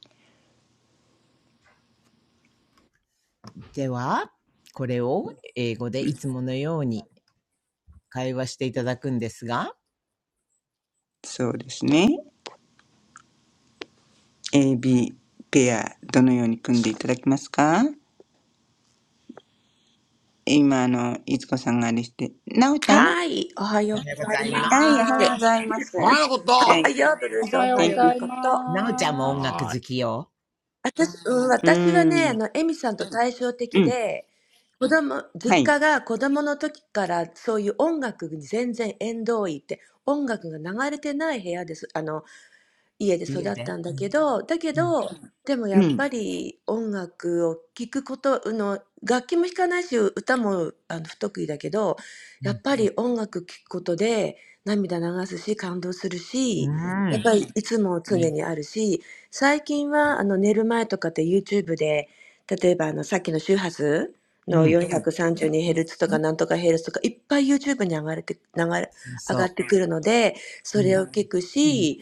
C: では、これを英語で
A: う
C: い
A: ん
C: つものように会話していただくんですが、
A: そうですね。AB ペア、どのように組んでいただきますか今、あの、いつこさんがあれして、なおちゃん
C: おはようございま
A: はい、おはようご
C: す。
A: ざいます。はい、
B: ああ、本当か。ああ、ああ、お前のこと。ああ、うん、うん、おっと。Hi!
A: Thank you.
C: なおちゃんも音楽
F: 音楽治療の音楽はいおはようございます。うんあ
C: 好きよ
A: うーん。うん。
G: はい、おはようございます。おはようブルース、おはようもこと。私、うん、私はね、あの、エミさんと対照的で、子供、実家が子供の時からそういう音楽に全然縁遠いって、音楽が流れてない部屋です。あの、
A: はい。
C: 家で。うんうん
A: うん。
C: うん。うん。
A: うん。
G: 家で育ったんだけど、だけど、でもやっぱり音楽を聴くこと、あの、楽器も弾かないし、歌もあの不得意だけど、やっぱり音楽聴くことで涙流すし、感動するし、やっぱりいつも常にあるし、最近はあの寝る前とかって YouTube で、例えばあのさっきの周波数の
C: うん。
A: うん。
G: 432Hz YouTube
C: そうそう。うん。
A: う
G: に上がれて、流れ、上がってくるので、それを聞くし、
A: ん。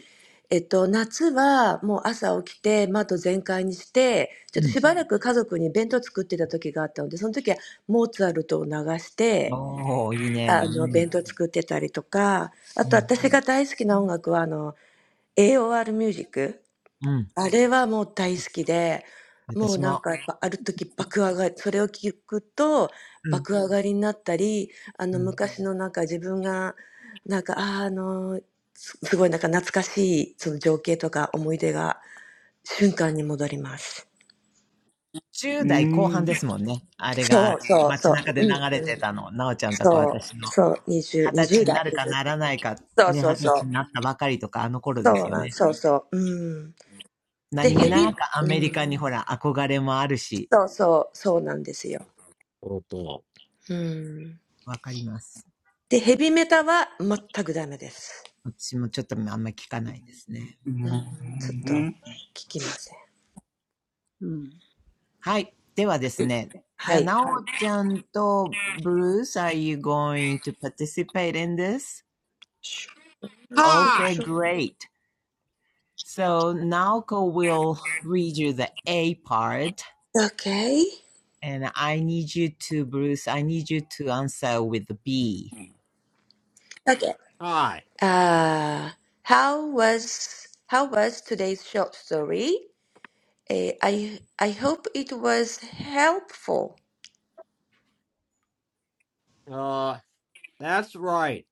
C: うん。
G: えっと、夏はもう朝起きて窓全開にして、ちょっとしばらく家族に弁当作ってた時があったので、その時はモーツァルトを流して、あの、弁当作ってたりとか、あと私が大好きな音楽は、あの、AOR
C: おお、いいね。うん。うん。
G: ミュージック。
C: うん。
G: あれはもう大好きで、もう
C: 私も。うん。うん。10
A: う
C: 代後半で
A: ん。
C: すもんね。あれが街中で流れてたの。なおちゃんとか私の。二十歳になるかならないか、ね、二十歳になったばかりとか、あの頃ですよね。何気なくアメリカにほら、憧れもあるし、わかります。私もちょっとあんまり聞かないですね。
A: う
C: うん
A: ん。
G: で、ヘビメタは全くダメです。うん、ちょっと聞きません。はい。Okay.
C: はい。ではですね。じゃあ、なおちゃんとブルース、are you going to participate in this? Okay, great. So Naoko will read you the A part and I need you to, Bruce, I need you to answer with the B.
G: Okay.
B: Hi.
G: Uh, how was how was today's short story? Eh, I I hope it was helpful.
B: Uh, that's right.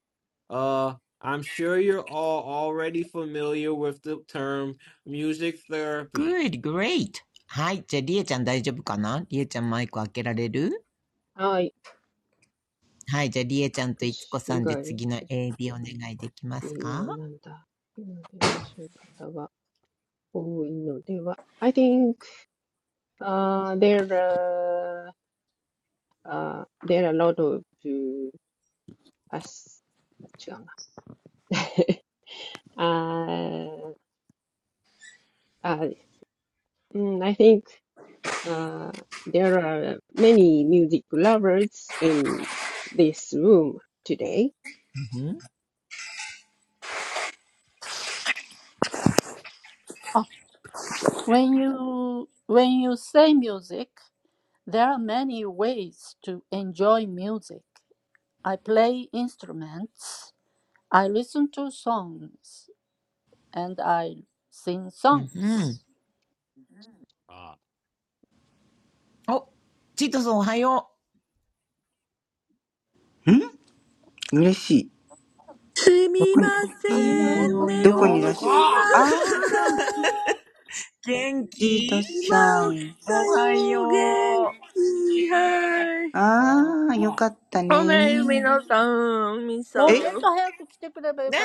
B: Uh, I'm sure you're all already familiar with the term music therapy.
C: Good, great. はい。じゃあ、りえちゃん大丈夫かなりえちゃんマイク開けられる
E: はい。
C: はい。じゃあ、りえちゃんといつこ
E: 私
C: さ
E: 以
C: んで
E: 外
C: 次の AB お願いできます
E: に
C: か
E: はなんだ。今のそういう方は多いのでは。I think, uh, there are, uh, there are a lot of uh, あ、し違うな。uh, uh, uh, mm, I think uh, there are many music lovers in this room today.
C: うんん。
F: When you when you say music, there are many ways to enjoy music. I play instruments, I listen to songs, and I sing
C: うんうん。
F: songs.
B: Uh,
C: お、チートさんおはよう。
A: うん嬉しい。
H: す
A: ど
H: み
A: こ
H: ま
A: に、
H: せ
C: いい
B: what?
H: ん、
C: の
H: 寝
A: どこ
B: What
A: にい
C: よ。
B: the
H: 坊
A: らっ
H: し
A: しゃる
H: ました。
A: あ
C: 元
A: ジート
C: 気
A: さ
H: 今起
A: ん。
H: きた
C: おは
H: よ、元
C: よ
H: 気、はい。
A: ああ、よかった
H: おめえみ
A: ね。
H: のさん、みさん。
A: え
C: う。ね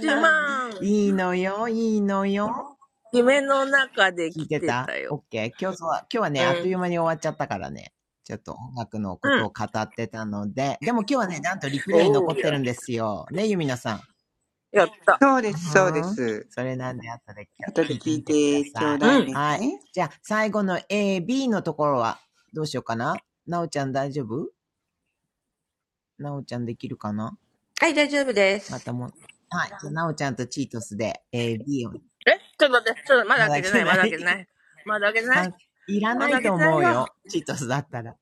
H: ちまん、
C: いいのよ、いいのよ。
H: 夢の中で
C: 聞い
H: 来
C: て
H: て
C: た
H: た
C: ?OK。
H: よ。
C: 今日は、今日はね、
H: う
C: あっとい
H: ん。
C: う間に終わっちゃったからね。ちょっと音楽のこ
H: う
C: と
H: ん。
C: を語ってたので。でも今日はね、なんとリプレイ
H: お
C: 残
H: ー。
C: って
H: や。
C: るんですよ。ね、ゆみなさん。
H: やった。
A: そうです、そうで
C: うん。
A: す。
C: それなんで、後で
A: 後
C: 聞
A: で
C: いて
A: 聞い
C: みてくだ
A: てちょ
C: さ
A: う
C: い。
A: だ
H: うん。
A: い
H: え、ちょ
A: ね。
C: はい。じゃあ、最後の A、B のところは、どうしようかななおちゃん大丈
E: おはようございます。はい。じゃあ、私から。はい。えー、don't
C: 夫なおちゃんできるかなまた
G: はい、大丈夫です。Okay.
C: も、はい。じゃあ、なおちゃんとチートスで A、B を、
H: っと待って、ちょっとまだ
C: ま
H: 開
C: だ
H: けて
C: け
H: ない、
C: な
H: まだ開けて
C: い。
H: ない。まだ開けてな
C: か
H: い。
C: いら
H: ま
C: ない
H: だ開
C: と
H: けてな
C: 思
H: い
C: う
H: よ。
C: よ。チートスだったら。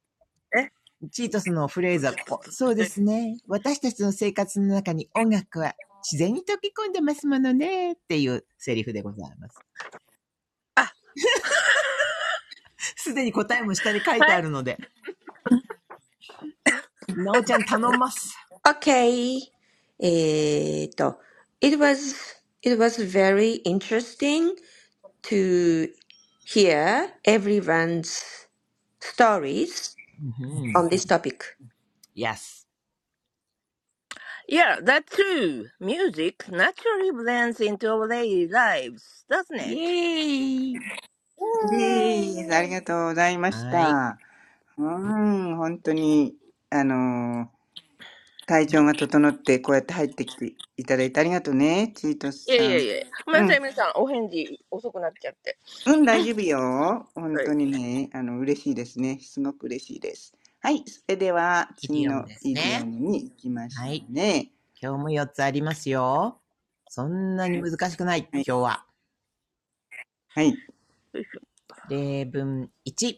H: え、
C: チートスのフレ
H: ち
C: ー
H: ょっと、
C: ズはこ
H: ちょっ
C: こ。
H: と、ち
C: そうで
H: ょっと。
C: すね。私たちの生活の中に音楽は自然に溶け込んでますものね。っていうセリフでございます。
H: あ、
C: すでに答えも下に書い
H: はい。
C: てあるので、なおちゃん頼んます。
G: えーと、it was it was very interesting to hear everyone's stories
C: うん。
G: on this topic.
C: Yes.
H: Yeah, that's true. Music naturally blends into our daily lives, doesn't
C: イエ
H: it?
C: ーイ
A: でーす。あり
H: Yay.
A: がとうございまし
C: はい。
A: た。うーん、本当に、あのー体調が整って、こうやって入ってきていただいてありがとうね、チート
H: い
A: ス
H: やい
A: さ
H: や
A: ん。
H: いや。ごめん
A: う
H: なさ
A: ん、
H: い、皆さん。お返事遅くなっちゃって。
A: うん、大丈夫よ。本
H: はい。
A: 当にね、あの、嬉しいですね。すごく嬉しいです。はい、それでは
C: イ
A: 次
C: ディオム
A: の
C: です
A: イディオ
C: ね。
A: ムに行きまし
C: は
A: ょ
C: い。
A: うね。
C: 今日も4つありますよ。そんなに難しくない。
A: はい、
C: 今日は。
A: はい。
H: よいしょ、
C: 例文1。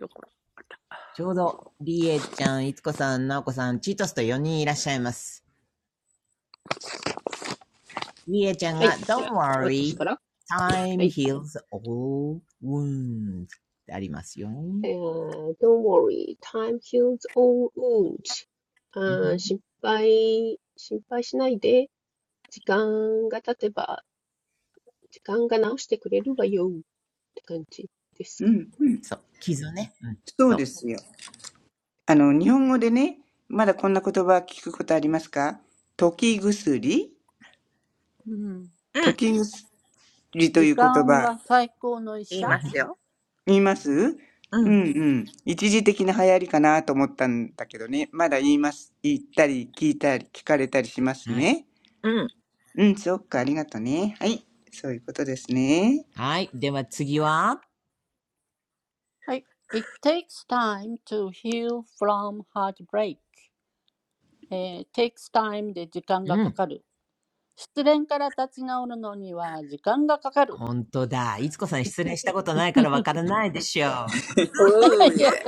H: どこ
C: ちょうど、りえちゃん、いつこさん、なおこさん、チートスと4人いらっしゃいます。りえちゃんが、Don't worry, time heals all wounds ってありますよ。
E: worry, time heals all wounds.
C: うん
E: あー、心配、心配しないで。時間が経てば、時間が治してくれるわよって感じです
A: う
E: か。
A: ん、
C: そう。傷ね。うん、
A: そう
C: そう、
A: ですよ。あの、日本語でね、まだこんな言葉聞くことありますか溶き薬
H: だう
A: 溶
H: ん。
A: き薬という言葉、
H: 言い
C: うん
H: ま
F: もうちょっと早く来てくればよかったのに。うん、時間は最高の医者。うん、はい。It
C: ん。
H: すよ。
A: 言いますうん
H: う
A: う
H: ん。
A: ん。一時的な流行りかなと思ったんだけどね。まだ言います。言ったり、聞いたり、聞かれたりします
C: はい。
A: ね。
H: うん。
A: うん、そっか、ありがとね。はい。そういうことですね。
C: はい。では次は
F: takes time to heal from heartbreak. えー takes time
C: うん。
F: で時間がかかる。失恋から立ち直るのには時間がかかる。
C: 本当だ。いつこさん失恋したことないからわからないでしょう。
F: 失恋から立ち直るのには時間がかかる。いやいやいや、そんな、そう、はいあどうしよう。はい。そんな、がっかりされちゃうからみんなに。本当ですね。早いですね。うーん。私がもう足が痛くて痛くてしょうがなかったから。そう。なってるでしょいエミさん。皆様。ね。うーん。赤い、うんピンピンク色の髪なんですか
H: おーいえ。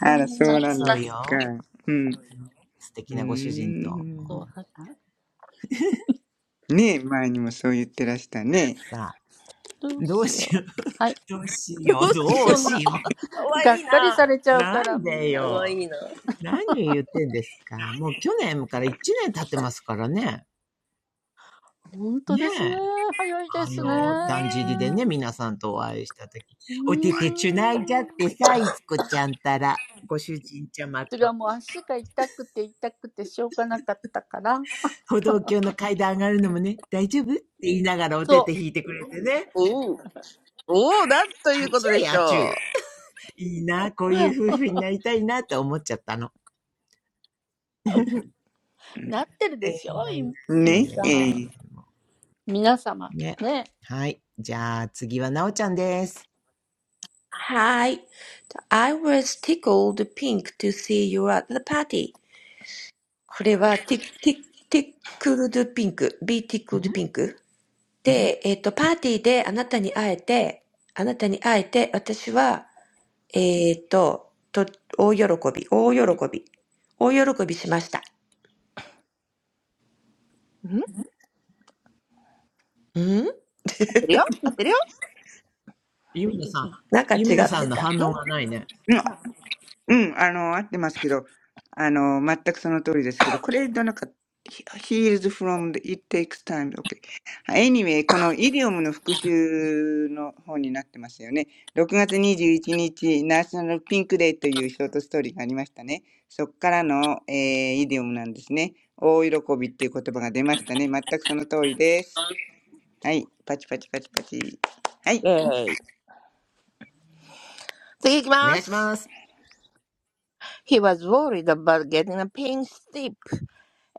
A: あら、そうなんで
C: そう
A: すか。
C: よ。
A: うん。う
C: 素
A: ー
C: 敵なご主人と。
A: ん。ねえ、前にもそう言ってらしたね。
C: さあ、どうしよう。どうし
H: ど
C: よう。
H: うし
C: どう
H: よ
C: し
H: う。
C: よう。
H: かわいいな。
C: なんで
H: かわいい
C: よ。
H: な。
C: 何言ってんですか。もう去年から1年経ってますからね。ねえ。あの、だんじりでね、皆さんとお会いしたとき。おててちゅないじゃってさ、いつこちゃんたら、ご主人ちゃまと、歩道橋の階段上がるのもね、大丈夫って言いながらおてて引いてくれてね。
H: おう。おう、なんとい
C: あ
H: うこ
C: ち
H: とで
C: ゅい
H: し
C: あちゅ
H: ょ
C: い。いいな、こういう夫婦になりたいなって思っちゃったの。
H: う。
C: えーいやいやい
A: ね
C: やいやいや
A: ええう
C: い
A: ん、
C: や、もうね。はい。じゃあ、次はなおちゃんです。
G: Hi, I was tickled pink to see you at the party. これは tick, tick, tickled pink, be tickled pink. で、えっ、と、パーティーであなたに会えて、あなたに会えて、私は、えっ、と、と、大喜び、大喜び、大喜びしました。んなんか違ってた。
H: ん合ってるよ合ってるよ
C: ゆみなさん。ゆみなさんの反
H: ん
C: 応がないね。
A: うんあの、合ってますけど、あの、全くその通りですけど、これどゃなんかた。He is from the, it takes time. Okay. Anyway, このイディオムの復習の方になってますよね。6月21日、ナショナルピンクデーというショートストーリーがありましたね。そこからの、えーイディオムなんですね。大喜びっていう言葉が出ましたね。全くその通りです。はい。パチパチパチパチ。はい。
H: イェーイ。次行き
C: お願
H: ま
C: いし
H: す。
C: ます。
H: He was worried about getting a pink slip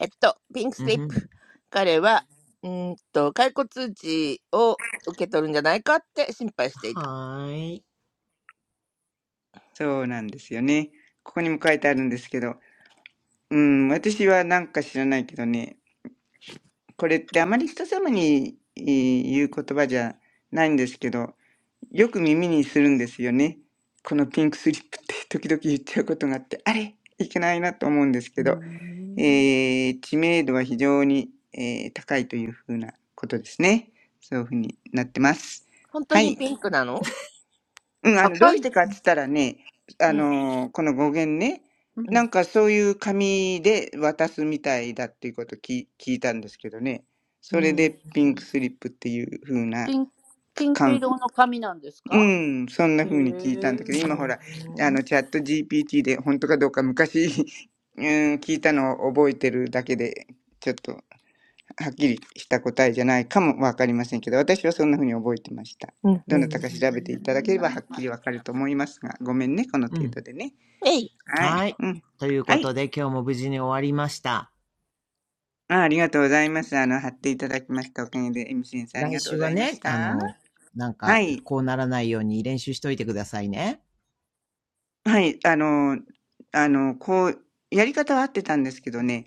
H: えっと、ピンクス
C: うん
H: リッ
C: ふん。
H: プ。彼は、うーんと、解雇通知を受け取るんじゃないかって心配していた。
C: はーい。
A: そうなんですよね。ここにも書いてあるんですけど、うん、私はなんか知らないけどね、これってあまり人様にえー言う言葉じゃないんですけど、よく耳にするんですよね。このピンクスリップって 時々言っちゃうことがあって、あれいけないなと思うんですけど、えー知名度は非常に、えー高いというふうなことですね。そういうふうになってます。
H: 本当
A: はい。
H: にピンクなの
A: うん、あの、どうしてかっつったらね、あ
H: うん、
A: のーこの語源ね、
H: う
A: なん
H: ん、
A: かそういう紙で渡すみたいだっていうことき聞いたんですけどね。
H: う
A: それ
H: ん、うん、
A: でピンクスリップっていう風な感、うん、そんな風に聞いたんだけど、
H: う
A: 今ほ
H: ん、
A: ら、あの、チャット GPT で本当かどうか昔、うん、聞いたのを覚えてるだけで、ちょっとはっきりした答えじゃないかもわかりませんけど、私はそんなふうに覚えてました。
H: うん。
A: ど
H: う
A: なた
H: ん
A: か調べていただければはっきりわかると思いますが、ごめんね、この
C: う
A: 程
C: ん。
A: 度でね。
H: えい。
A: はい。
C: はい。
A: うん。
C: という
A: は
C: こと
A: い。
C: で、今日も無事に終わりました。
A: あありがとうございます。あの、貼っていただきましたおかげで、エミ先生あり
C: 来
A: がとうご
C: 週は
A: ざいまし
C: ね、あ
A: た。
C: の、なん
A: は
C: か、
A: い。
C: こうならないように練習しといてくださいね。
A: はい。あの、あの、こう、やり方は合ってたんですけどね、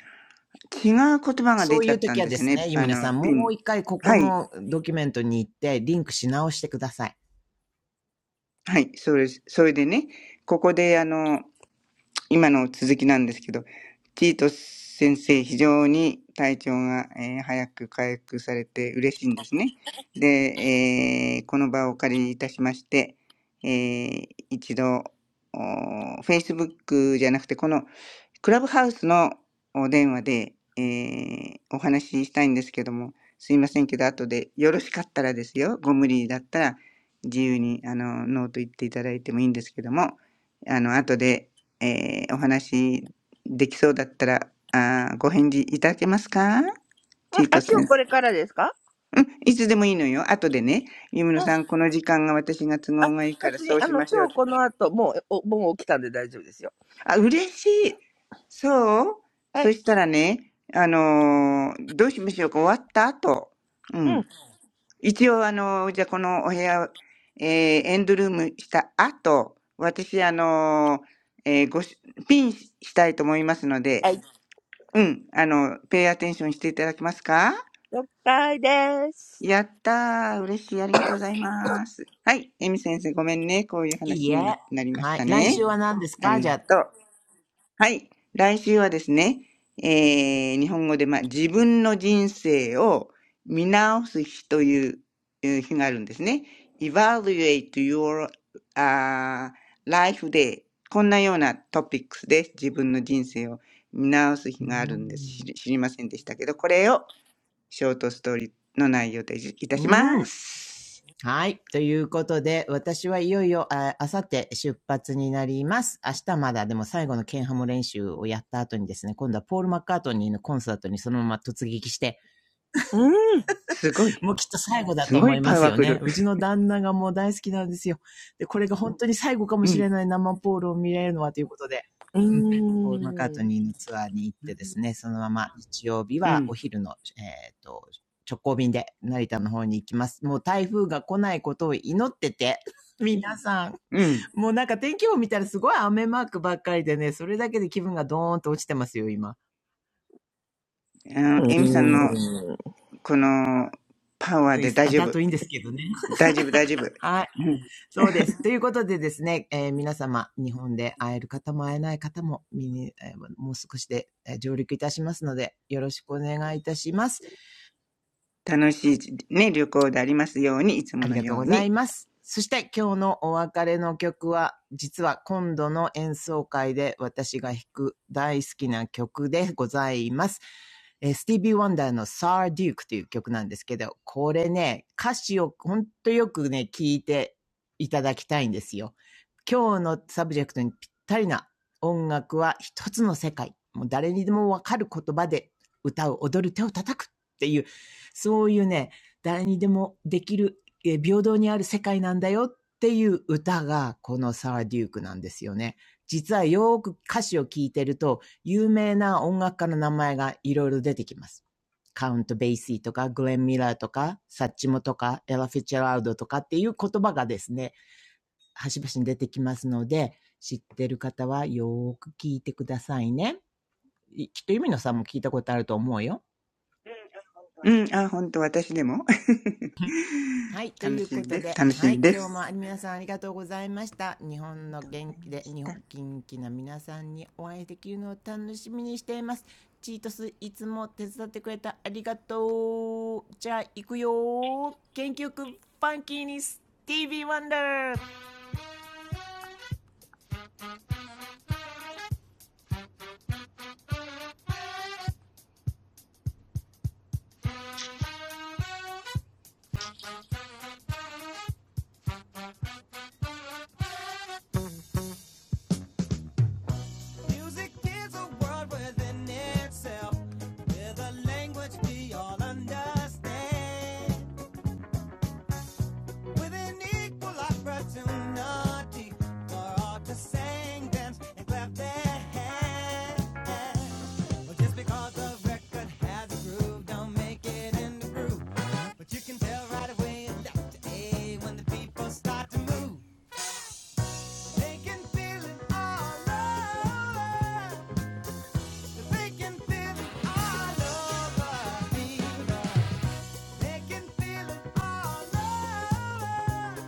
A: 違う言葉が
C: そ
A: 出
C: う
A: ち
C: い
A: ゃ
C: う
A: った
C: 時
A: ん
C: は
A: で
C: で
A: す
C: す
A: ね。
C: ね、ゆ
A: あ
C: みな
A: の、
C: さん、
A: ピ
C: も
A: ン。
C: う一回ここ
A: はい。
C: のドキュメントに行って、リンクし直してください。
A: はい。それ、それでね、ここであの、今の続きなんですけど、ティート先生、非常に体調が、えー早く回復されて嬉しいんですね。で、えーこの場をお借りいたしまして、えー一度、Facebook じゃなくて、このクラブハウスのお電話で、えーお話ししたいんですけども、すいませんけど、後でよろしかったらですよ、ご無理だったら自由にあのノーと言っていただいてもいいんですけども、あの後で、えーお話できそうだったらあーご返事いただけますか
H: うん
A: チート
H: あ、今
A: 先
H: 日こ
A: 生。
H: れからですか
A: うん、いつでもいいのよ。後でね、ゆみの
H: うん。
A: さん、この時間が私が都
H: あ、
A: 合がいいから
H: 別に、
A: そう
H: あ
A: し
H: の、
A: ましょう
H: 今
A: って
H: 日この後、もう、おもう起きたんで大丈夫ですよ。
A: あ、嬉しい。そう
H: はい。
A: そしたらね、あのーどうしましょうか終わった後。う
H: うん。
A: ん。一応、あのーじゃあこのお部屋、えーエンドルームした後、私、あのーえーごし、ピンしたいと思いますの
H: は
A: で、
H: い。
A: うん。あの、ペイアテンションしていただけますか
H: 了解です。
A: やったー。嬉しい。ありがとうございます。はい。エミ先生、ごめんね。こういう
C: い
A: 話
C: い
A: にな
C: え。
A: なりまし
C: はい。
A: た
C: 来
A: ね。
C: 週は何です
A: あ
C: か
A: り
C: じゃ
A: が
C: あ。
A: とう。はい。来週はですね、えー、日本語で、まあ、自分の人生を見直す日というえー日があるんですね。Evaluate your、uh, life day. こんなようなトピックスで自分の人生を見直す日
C: う
A: があるんです。知
C: ん。
A: り知りませんでしたけど、これをショートストーリーの内容でいたしま
C: うん。
A: す。
C: はい。ということで、私はいよいよ、あさって出発になります。明日まだ、でも最後のケンハム練習をやった後にですね、今度はポール・マッカートニーのコンサートにそのまま突撃して、
H: うん。
A: すごい。
C: もうきっと最後だ
A: す
C: と
A: ご
C: 思
A: い
C: いま
A: パ
C: す
A: ワ
C: よ
A: フ
C: ね。
A: ル。
C: うちの旦那がもう大好きなんですよ。で、これが本当に最後かも
A: う
C: し
A: ん。
C: れない生ポールを見れるのはということで、
H: う
C: うん。ポール・マッカート
H: ーん。
C: ニーのツアーに行ってですね、そのまま日曜日
A: う
C: はお
A: ん。
C: 昼の、えっ、と、直行便で成田の方に行きます。もう台風が来ないことを祈ってて、皆さん、
A: うん。
C: もうなんか天気予報見たらすごい雨マークばっかりでね、それだけで気分がドーンと落ちてますよ、今。
A: あの、
H: う
A: エミさんの
H: ーん。
A: このパワーで大
C: あ、
A: 丈
C: だ
A: 夫。
C: といいんですけどね。
A: 大丈夫、大丈夫。
C: はい。
A: うん、
C: そうです。ということでですね、えー皆様、日本で会える方も会えない方も、えーもう少しで上陸いたしますので、よろしくお願いいたします。
A: 楽しい、ね、旅行でありますように、いつ
C: あ
A: も
C: り
A: の
C: がとう
A: よう
C: ござい
A: に。
C: ます。そして今日のお別れの曲は、実は今度の演奏会で私が弾く大好きな曲でございます。えースティービー・ワンダーのサー・デュークという曲なんですけど、これね、歌詞をほんとよくね、聞いていただきたいんですよ。今日のサブジェクトにぴったりな音楽は一つの世界。もう誰にでもわかる言葉で歌う、踊る、手を叩くっていう、そういうね、誰にでもできる平等にある世界なんだよっていう歌がこのサラ・デュークなんですよね。実はよく歌詞を聞いてると有名な音楽家の名前がいろいろ出てきます。カウント・ベイシーとかグレン・ミラーとかサッチモとかエラ・フィッチェラウドとかっていう言葉がですね、端々に出てきますので知ってる方はよーく聞いてくださいね。きっとユミノさんも聞いたことあると思うよ。
A: うん、あ、本当私でも
C: はい、ということで で、
A: 楽し
C: はい、
A: みで
C: 今
A: す。
C: 日も皆さんありがとうございました。日本の元気で、日本元気な皆さんにお会いできるのを楽しみにしています。チートス、いつも手伝ってくれたありがとう。じゃあ、行くよー。元気よく、ファンキーにス、TV ワンダー Music is a world within itself, with a language we all understand. with an equal opportunity for all to sing, dance, and clap their hands. Well, just because the record has a groove, don't make it in the groove. But you can tell right away in Dr. A when the people start to move. They can feel it all over. They can feel it all over. They can feel it all over.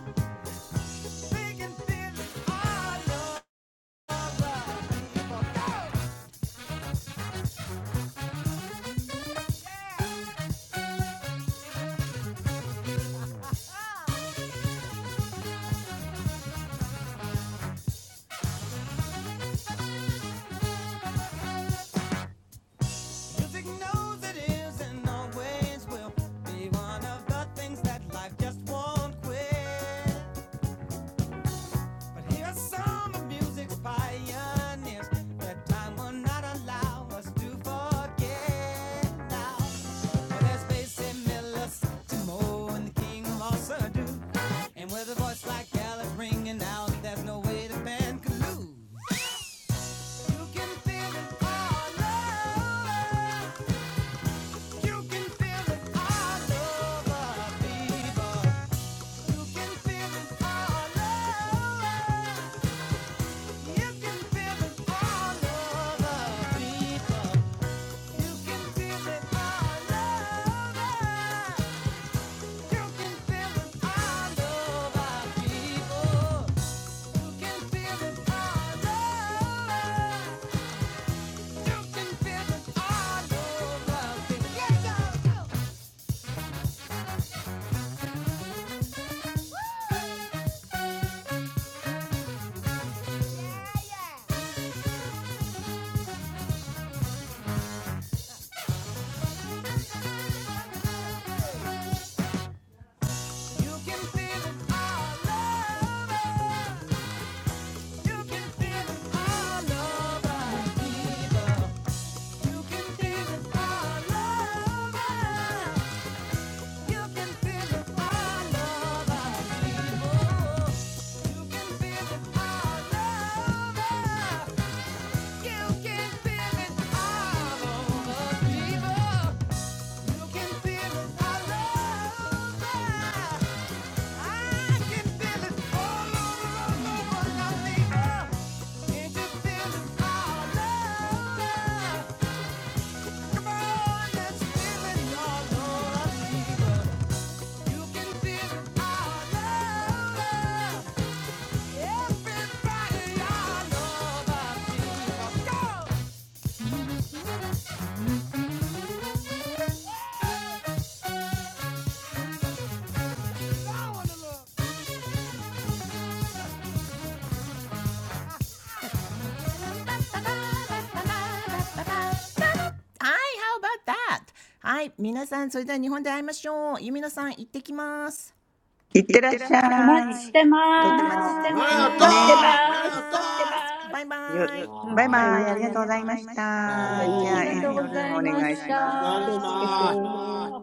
C: And with a voice like Gallup ringing out, there's no way the band could lose. You can feel it all over. You can feel it all over, people. You can feel it all over. You can feel it all over, people. You can feel it all over. You can feel it all over, people. You can feel it all over. You can feel it all over. Everybody all over fever. Go! Go on the love. はい、how about that? はい、皆さん、それでは日本で会いましょう。ゆみのさん、行ってきます。
A: いっ
C: 行
A: て
C: っ
A: らっ
C: てらっ
A: し
C: し
A: ゃ
C: ゃ
A: い。
C: い。み
A: と
C: ん
A: て
C: な待って
A: も、
C: てね。
E: うん、
C: ありがと
H: 待
C: う
H: っ
C: ご
H: て
A: ね、
H: ま
F: お待ちしてまーす。ありがとうございました。
C: ざいま
H: す。
C: す。バイバ
A: よ、
C: イ。
E: 待っ
A: バイ
C: バイ
E: て
C: バ
A: バ
B: あーおおっとか、ああ、ありがとう。はーい、ああ、よろしくお願いします。
A: イ、
E: ま
A: あり
C: イ。
A: が
C: あ
A: と
C: り
A: うご
C: がとう
A: ざい
C: ご
A: ま
C: ざい
A: し
C: ました。
E: す。
C: じ
E: バイバイ。
A: た。
C: ゃあ、
A: じゃあ、エン
C: エ
A: ドルーム
C: ン
A: お
C: ドルお
A: 願いし
C: 願いします。
A: ま
E: 気
A: す。
E: をつけ
C: お願
E: て。
C: いします。